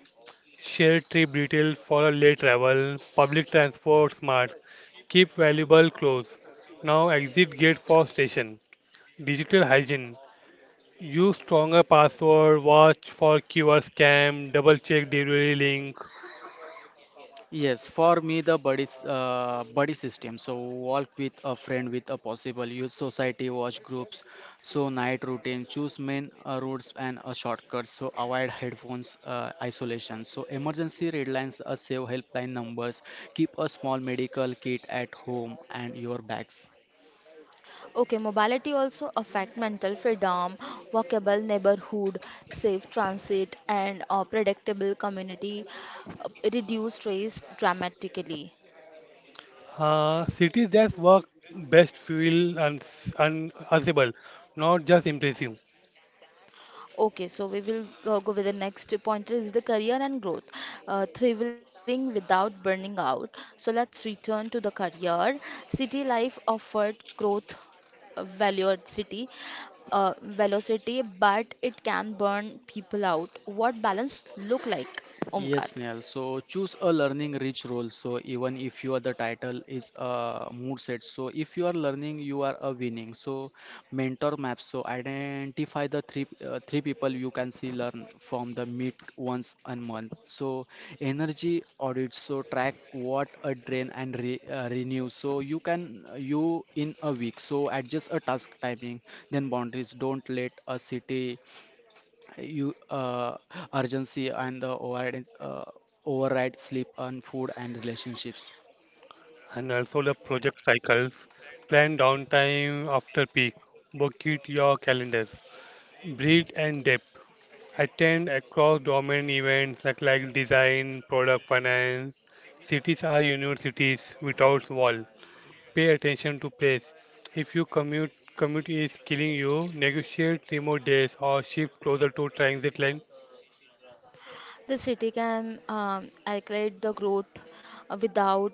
Shared trip details for a late travel, public transport smart, keep valuable clothes. Now exit gate for station. Digital hygiene. Use stronger password, watch for QR scam, double check delivery link.
Yes, for me the buddy system. So walk with a friend with a possible youth society watch groups. So night routine choose main routes and a shortcut. So avoid headphones isolation. So emergency red lines, a save helpline numbers. Keep a small medical kit at home and your bags.
Okay, mobility also affect mental freedom, walkable neighborhood, safe transit, and predictable community, reduce stress dramatically.
Cities that work best feel unanswerable, not just impressive.
Okay, so we will go with the next point is the career and growth, thriving without burning out. So let's return to the career. City life offered growth, valued velocity, but it can burn people out. What balance look like, Omkar?
Yes, Neil. So choose a learning rich role. So even if you are the title is a mood set. So if you are learning, you are a winning. So mentor maps. So identify the three people you can see learn from the meet once a month. So energy audits. So track what a drain and renew. So you can you in a week. So adjust a task timing. Then boundaries. Don't let a city you urgency and the override sleep and food and relationships.
And also the project cycles. Plan downtime after peak. Book it your calendar. Breed and depth. Attend across domain events like design, product finance. Cities are universities without wall. Pay attention to place. If you commute is killing you, negotiate remote days or shift closer to transit line.
The city can accelerate the growth without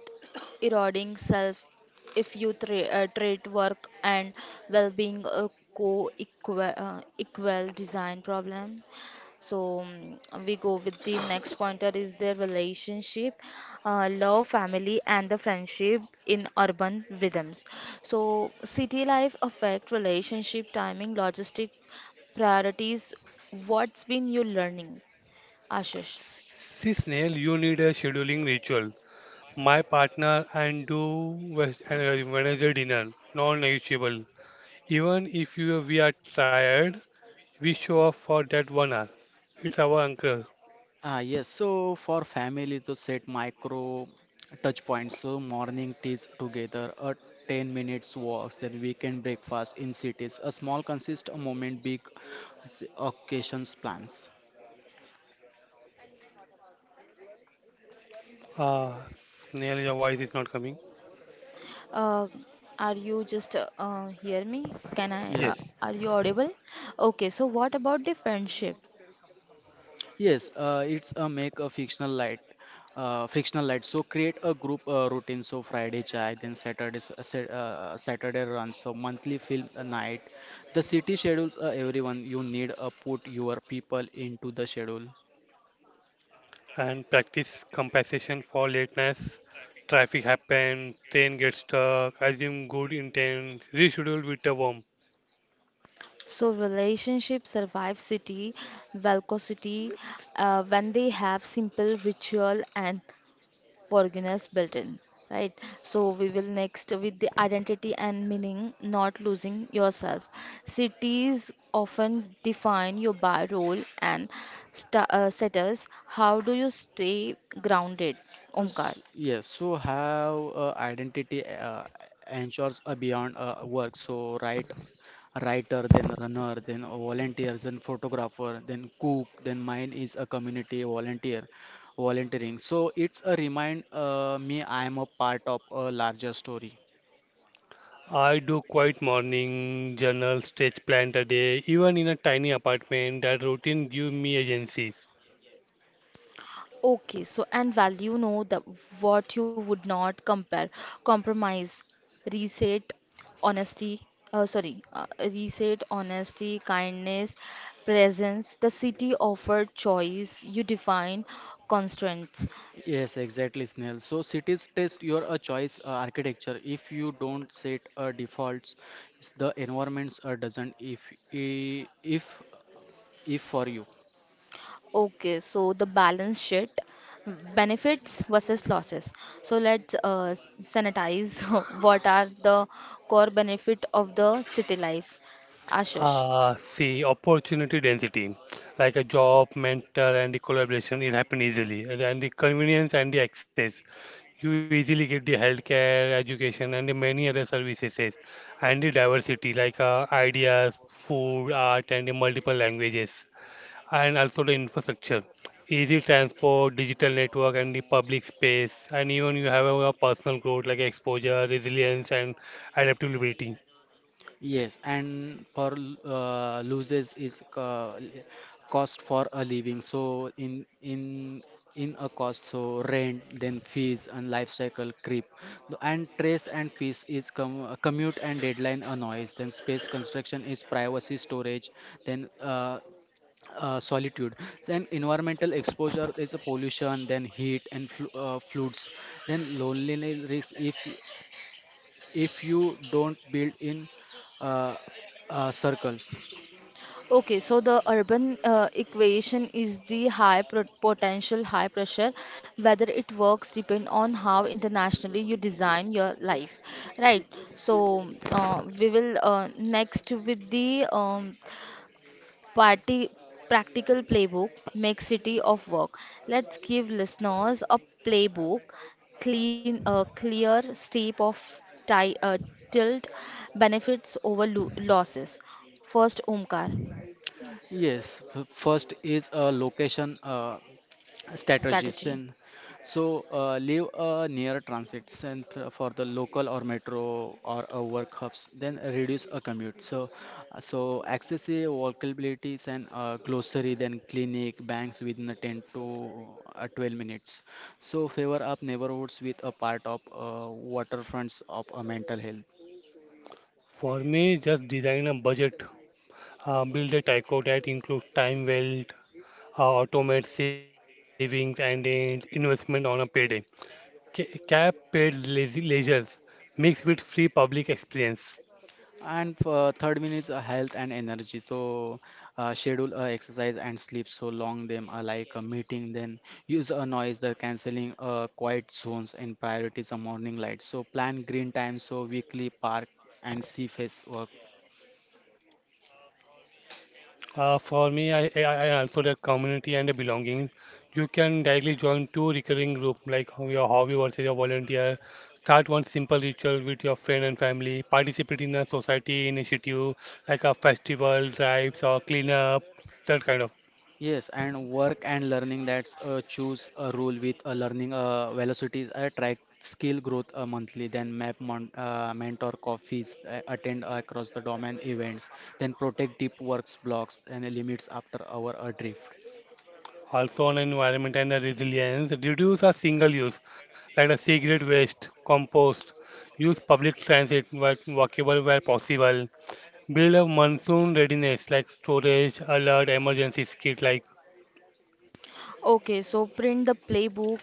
eroding self, if you treat work and well-being a co-equal equal design problem. So we go with the next pointer is the relationship, love, family, and the friendship in urban rhythms. So city life affect relationship, timing, logistic priorities. What's been you learning, Ashish?
Snail, you need a scheduling ritual. My partner and do Wednesday dinner, non-negotiable. Even if you we are tired, we show up for that one hour. It's our anchor.
Ah, yes, so for family to set micro touch points, so morning teas together a 10 minutes walks, then weekend breakfast in cities a small consist a moment big s- occasions plans.
Ah, Snail, your voice is not coming.
Uh, are you just hear me? Can I? Uh,
Yes.
Yes.
are you audible? Okay. So what about the friendship?
Yes, it's a make a frictional light. So create a group routine. So Friday chai, then Saturday run. So monthly film a night. The city schedules everyone. You need put your people into the schedule.
And practice compensation for lateness. Traffic happen, train gets stuck, assume good intent, reschedule with a worm.
So relationship survive city, velocity, when they have simple ritual and forgiveness built in, right? So we will next with the identity and meaning, not losing yourself. Cities often define your by role and status. How do you stay grounded, Omkar?
Yes, so have identity ensures a beyond work. So writer, then runner, then volunteers, then photographer, then cook, then mine is a volunteering. So it's a remind me I am a part of a larger story.
I do quiet morning, journal, stretch plan a day, even in a tiny apartment, that routine give me agencies.
Okay, so and value know the what you would not compare, compromise, reset, honesty, sorry, reset, honesty, kindness, presence. The city offered choice. You define constraints.
Yes, exactly, Snail. So cities test your a choice architecture. If you don't set defaults, the environments doesn't if I- if for you.
Okay, so the balance sheet, benefits versus losses. So let's sanitize. What are the core benefit of the city life, Ashish?
Ah, see, opportunity density, like a job, mentor, and the collaboration, it happen easily, and the convenience and the access. You easily get the healthcare, education, and the many other services, and the diversity like ideas, food, art, and the multiple languages, and also the infrastructure, easy transport, digital network, and the public space, and even you have a personal growth like exposure, resilience, and adaptability.
Yes, and for loses is cost for a living. So in a cost, so rent, then fees and life cycle creep, and trace and fees is commute and deadline a noise. Then space construction is privacy storage. Then solitude, then environmental exposure is a pollution, then heat and floods, then loneliness risk if you don't build in uh, circles.
Okay, so the urban equation is the high pro potential, high pressure. Whether it works depend on how internationally you design your life, right? So we will next with the party practical playbook. Make city of work. Let's give listeners a playbook. Clear step of ti tilt benefits over lo losses. First, Omkar.
Yes, first is a location strategies
Strategy.
and so leave a near transit and for the local or metro or a work hubs. Then reduce a commute. So so access a walkabilities and glossary, then clinic banks within a 10 to 12 minutes. So favor up neighborhoods with a part of waterfronts of a mental health.
For me, just design a budget, build a tyco that includes time, wealth, automate savings, and investment on a payday. Cap paid leisures mixed with free public experience.
And third one is health and energy. So schedule exercise and sleep so long them are like a meeting. Then use a noise, the canceling quiet zones and priorities are morning light. So plan green time. So weekly park and sea face work.
For me, I also the community and the belonging. You can directly join two recurring group like your hobby versus your volunteer. Start one simple ritual with your friend and family. Participate in a society initiative like a festival, drives or cleanup, that kind of.
Yes, and work and learning that's choose a rule with learning velocities, track skill growth monthly, then map mon mentor coffees, attend across the domain events, then protect deep works blocks and limits after our drift.
Also on environment and the resilience, reduce a single use, like a cigarette waste, compost, use public transit where possible, build a monsoon readiness like storage, alert, emergency kit like
Okay, so print the playbook,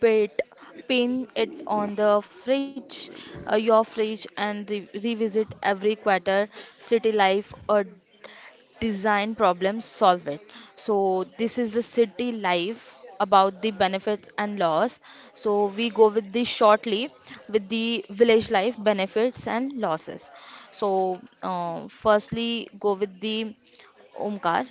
pit, pin it on your fridge, and revisit every quarter. City life or design problem, solve it. So this is the city life about the benefits and loss. So we go with the shortly with the village life benefits and losses. So firstly, go with the Omkar.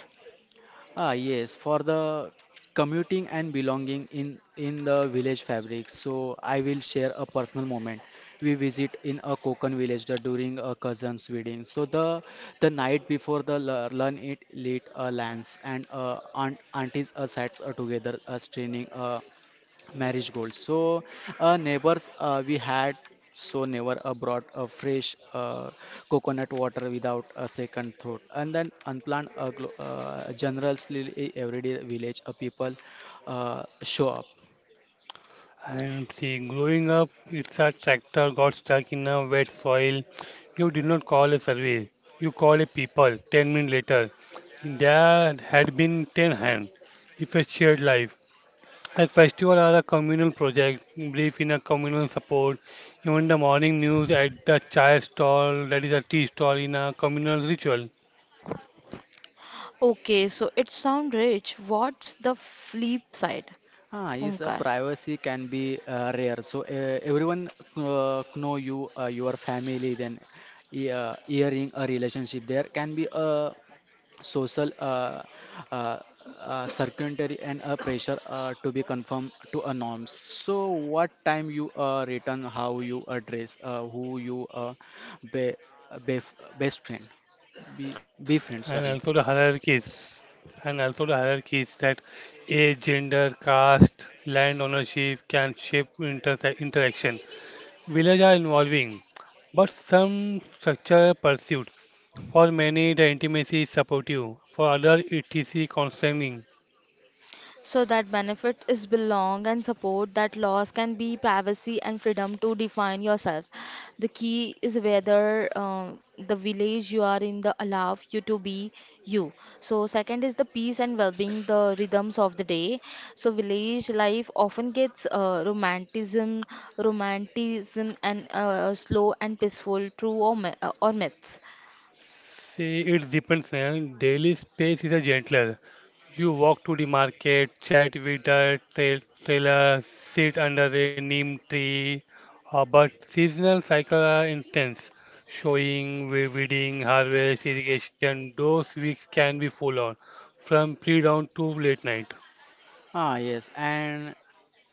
Ah, yes, for the commuting and belonging in the village fabric. So I will share a personal moment. We visit in a Konkan village during a cousin's wedding. So the night before the learn it lit a lance and aunties sat together straining marriage goals. So, neighbors, we had so never brought a fresh coconut water without a second thought. And then generously everyday village people show up.
and see growing up it's a tractor got stuck in a wet soil. You did not call a survey. You call a people 10 minutes later. There had been 10 hands. If a shared life. Like festival are a communal project, belief in a communal support. Even the morning news at the chai stall, that is a tea stall, in a communal ritual.
Okay, so it sounds rich. What's the flip side,
Ah, is
Omkar?
privacy can be rare. So everyone know you, your family, then hearing a relationship. There can be a social uh, circuitry and a pressure to be conform to a norms, so what time you return, how you address who you be, be, best friend, be, be friend,
And
sorry.
also the hierarchies, and also the hierarchies that age, gender, caste, land ownership can shape interaction. Villages are involving, but some structure pursued. For many, the intimacy is supportive. For others, it is constraining.
So that benefit is belong and support, that loss can be privacy and freedom to define yourself. The key is whether the village you are in the allow you to be you. So second is the peace and well-being, the rhythms of the day. So village life often gets romanticism and slow and peaceful, true or myths.
See, it depends. Man. Daily space is a gentler. You walk to the market, chat with a trailer, sit under a neem tree. But seasonal cycles are intense. Showing, weeding, harvest, irrigation, those weeks can be full on, from pre-dawn to late night.
Ah, yes,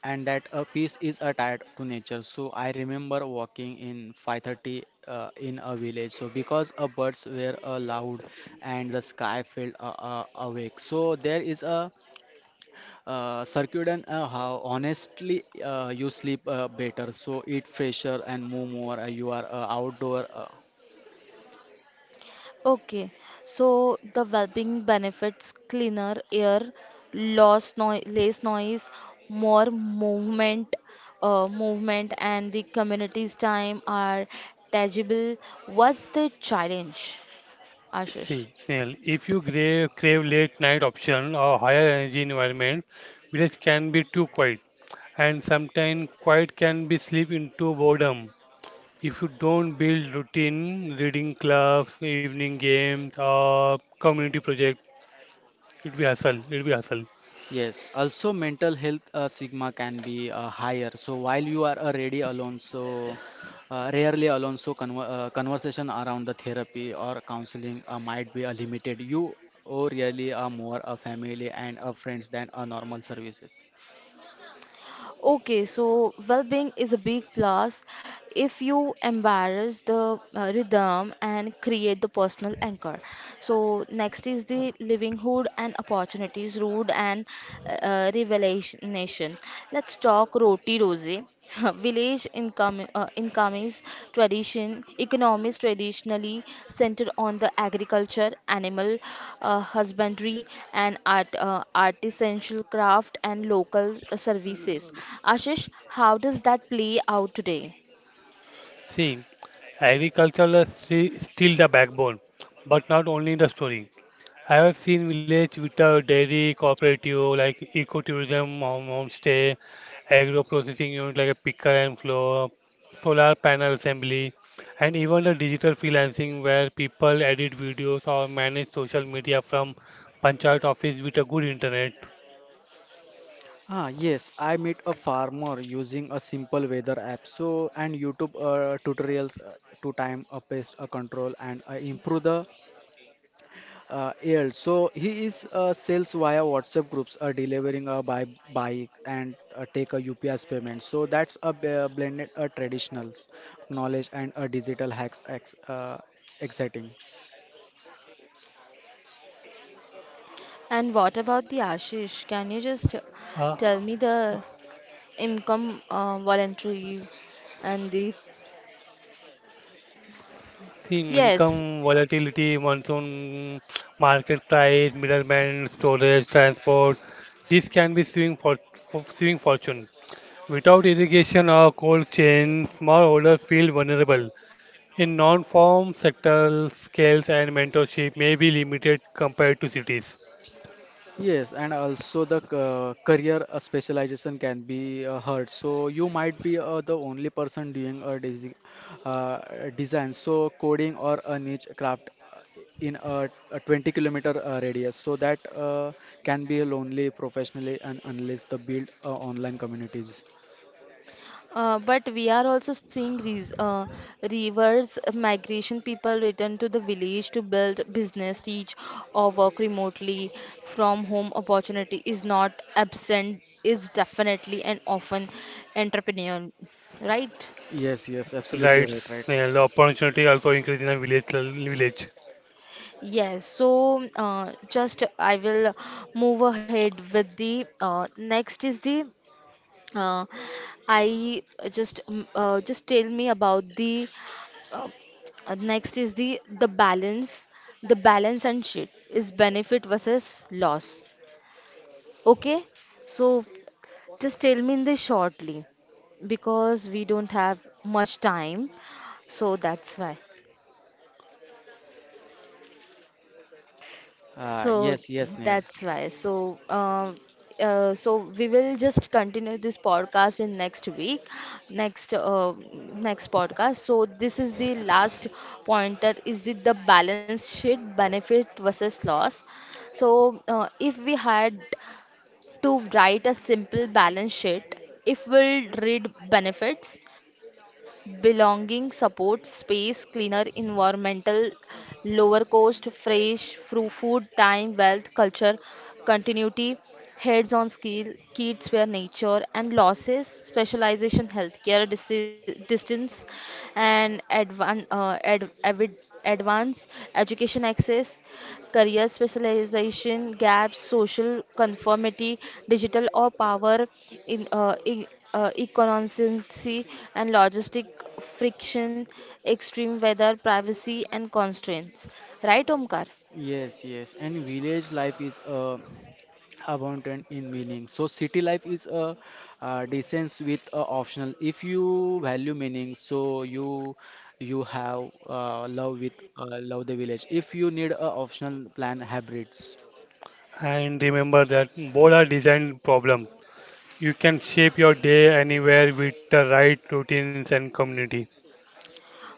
and that a peace is attached to nature. So I remember walking in 5:30 in a village. So because birds were loud and the sky felt awake. So there is a circuit and how honestly you sleep better, so eat fresher and move more. You are outdoor.
Okay, so the well-being benefits cleaner air, loss noi less noise, more movement, movement and the community's time are tangible. What's the challenge, Ashish?
See, Snail, if you crave late night option or higher energy environment, village can be too quiet. And sometimes quiet can be slip into boredom. If you don't build routine, reading clubs, evening games, or community project, it will hustle. It will hustle.
Yes, also mental health sigma can be higher. So while you are already alone, so rarely alone, so conversation around the therapy or counseling might be limited. You or really are more a family and a friends than a normal services.
Okay, so well-being is a big plus if you embrace the rhythm and create the personal anchor. So next is the livelihood and opportunities, road and revelation. Let's talk roti rosy. Village incomes tradition, economies traditionally centered on the agriculture, animal husbandry, and artisanal craft and local services. Ashish, how does that play out today?
See, agriculture is still the backbone, but not only the story. I have seen village without dairy cooperative like ecotourism, homestay, agro processing unit like a picker and flow, solar panel assembly, and even the digital freelancing where people edit videos or manage social media from panchayat office with a good internet.
Ah, yes, I met a farmer using a simple weather app so and YouTube tutorials to time a pest a control and improve the yield. So he is sales via WhatsApp groups, delivering a buy bike and take a UPS payment. So that's a blended traditionals knowledge and a digital hacks ex exciting.
And what about the Ashish? Can you just
Uh,
tell me the income, voluntary, and the.
see
Yes.
income volatility, monsoon, market price, middleman, storage, transport. This can be for swing fortune. Without irrigation or cold chain, smallholder feel vulnerable. In non-farm sector, scales and mentorship may be limited compared to cities.
Yes, and also the career specialization can be heard. So you might be the only person doing a design, so coding or a niche craft in a 20 kilometer radius. So that can be lonely professionally, and unless the build online communities.
But we are also seeing res reverse migration, people return to the village to build business, teach, or work remotely from home. Opportunity is not absent, is definitely and often entrepreneurial, right?
Yes, yes,
Right,
absolutely right, right.
Snail. The opportunity also increase in a village.
Yes, so just I will move ahead with the next is the uh, I just tell me about the. Next is the balance. The balance and shit is benefit versus loss. Okay? So just tell me in this shortly because we don't have much time. So that's why. So
Yes, yes, Neil.
that's why. So we will just continue this podcast in next week, next podcast. So this is the last pointer. Is the balance sheet benefit versus loss? So if we had to write a simple balance sheet, if we'll read benefits: belonging, support, space, cleaner environmental, lower cost, fresh food, time wealth, culture continuity, heads on skill, kids where nature. And losses: specialization, healthcare distance, and advanced education access, career specialization gaps, social conformity, digital or power in economics and logistic friction, extreme weather, privacy and constraints. Right, Omkar?
Yes, yes, and village life is abundant in meaning. So city life is a decent with a optional. If you value meaning, so you have uh, love with love the village. If you need a optional plan hybrids.
And remember that both are design problem. You can shape your day anywhere with the right routines and community.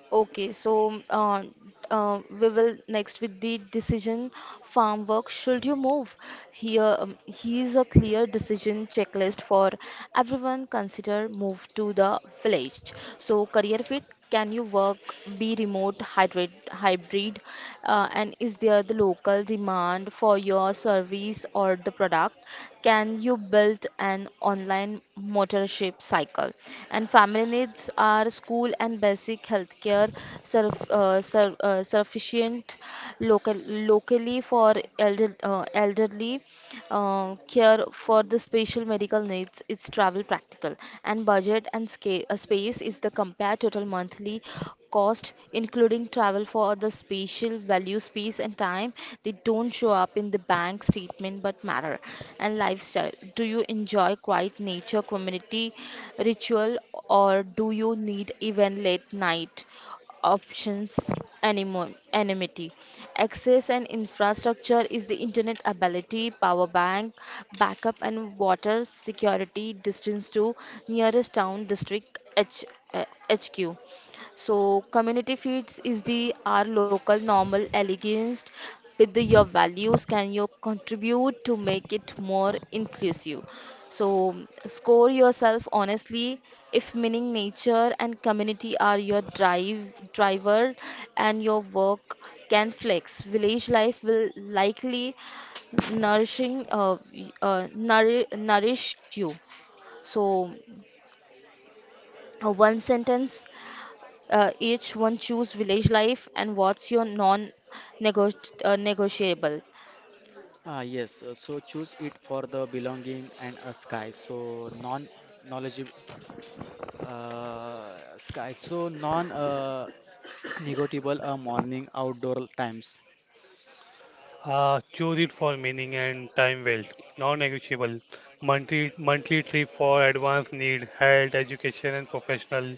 Okay, so we will next with the decision farm work. Should you move? Here's a clear decision checklist for everyone. Consider move to the village. So career fit. Can you work, be remote, hybrid, and is there the local demand for your service or the product? Can you build an online motorship cycle? And family needs: are school and basic healthcare sufficient local locally for elderly care for the special medical needs, it's travel practical? And budget and space: is the compare total monthly cost including travel for the spatial value, space and time. They don't show up in the bank statement but matter. And lifestyle: do you enjoy quiet nature, community, ritual, or do you need even late night options, anonymity? Access and infrastructure is the internet ability, power bank, backup and water security, distance to nearest town, district, HQ. So community feeds is the our local normal elegance with your values. Can you contribute to make it more inclusive, so score yourself honestly. If meaning, nature, and community are your driver, and your work can flex, village life will likely nourish you. So one sentence each one choose village life and what's your non-negotiable.
Ah, yes, so choose it for the belonging and a sky. So non knowledgeable sky. So non negotiable morning outdoor times.
Choose it for meaning and time well. Non-negotiable. Monthly trip for advanced need, health, education, and professional.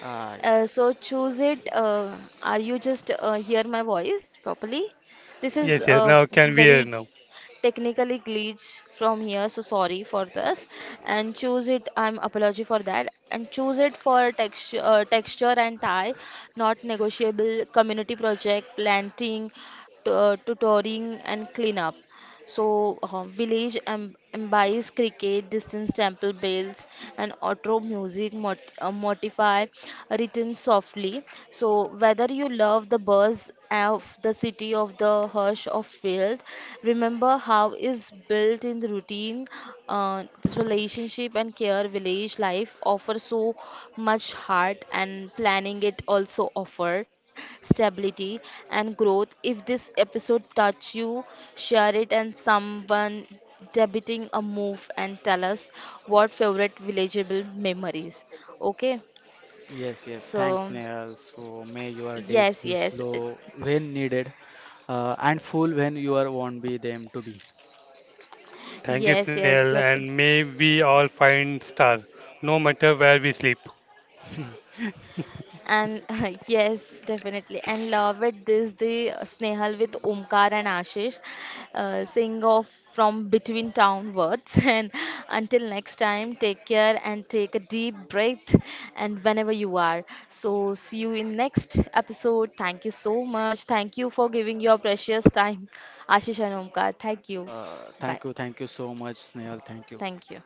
Ah,
So choose it. Are you just hear my voice properly? This is
Yes, yes, now can we hear
very
now?
technically glitch from here, so sorry for this. And choose it. I'm apology for that. And choose it for texture and tie, not negotiable. Community project, planting, tutoring, and cleanup. So, village imbies cricket, distance temple bells, and outro music modify written softly. So, whether you love the buzz of the city of the hush of field, remember how is built in the routine. Uh, relationship and care, village life offer so much heart and planning. It also offer stability and growth. If this episode touch you, share it, and someone debating a move, and tell us what favorite villageable memories, okay?
yes, yes. Thanks,
So
Nehal. So may your days
yes,
be
yes,
slow when needed, and full when you are won't be them to be.
Thank you,
yes, yes,
Snail,
definitely.
and may we all find star, no matter where we sleep.
And yes, definitely. And love it. This the Snehal with Omkar and Ashish, sing off from Between Town Words. And until next time, take care and take a deep breath. And whenever you are, so see you in next episode. Thank you so much. Thank you for giving your precious time, Ashish and Omkar. Thank you. Bye.
Thank you so much, Snehal. Thank you.
Thank you.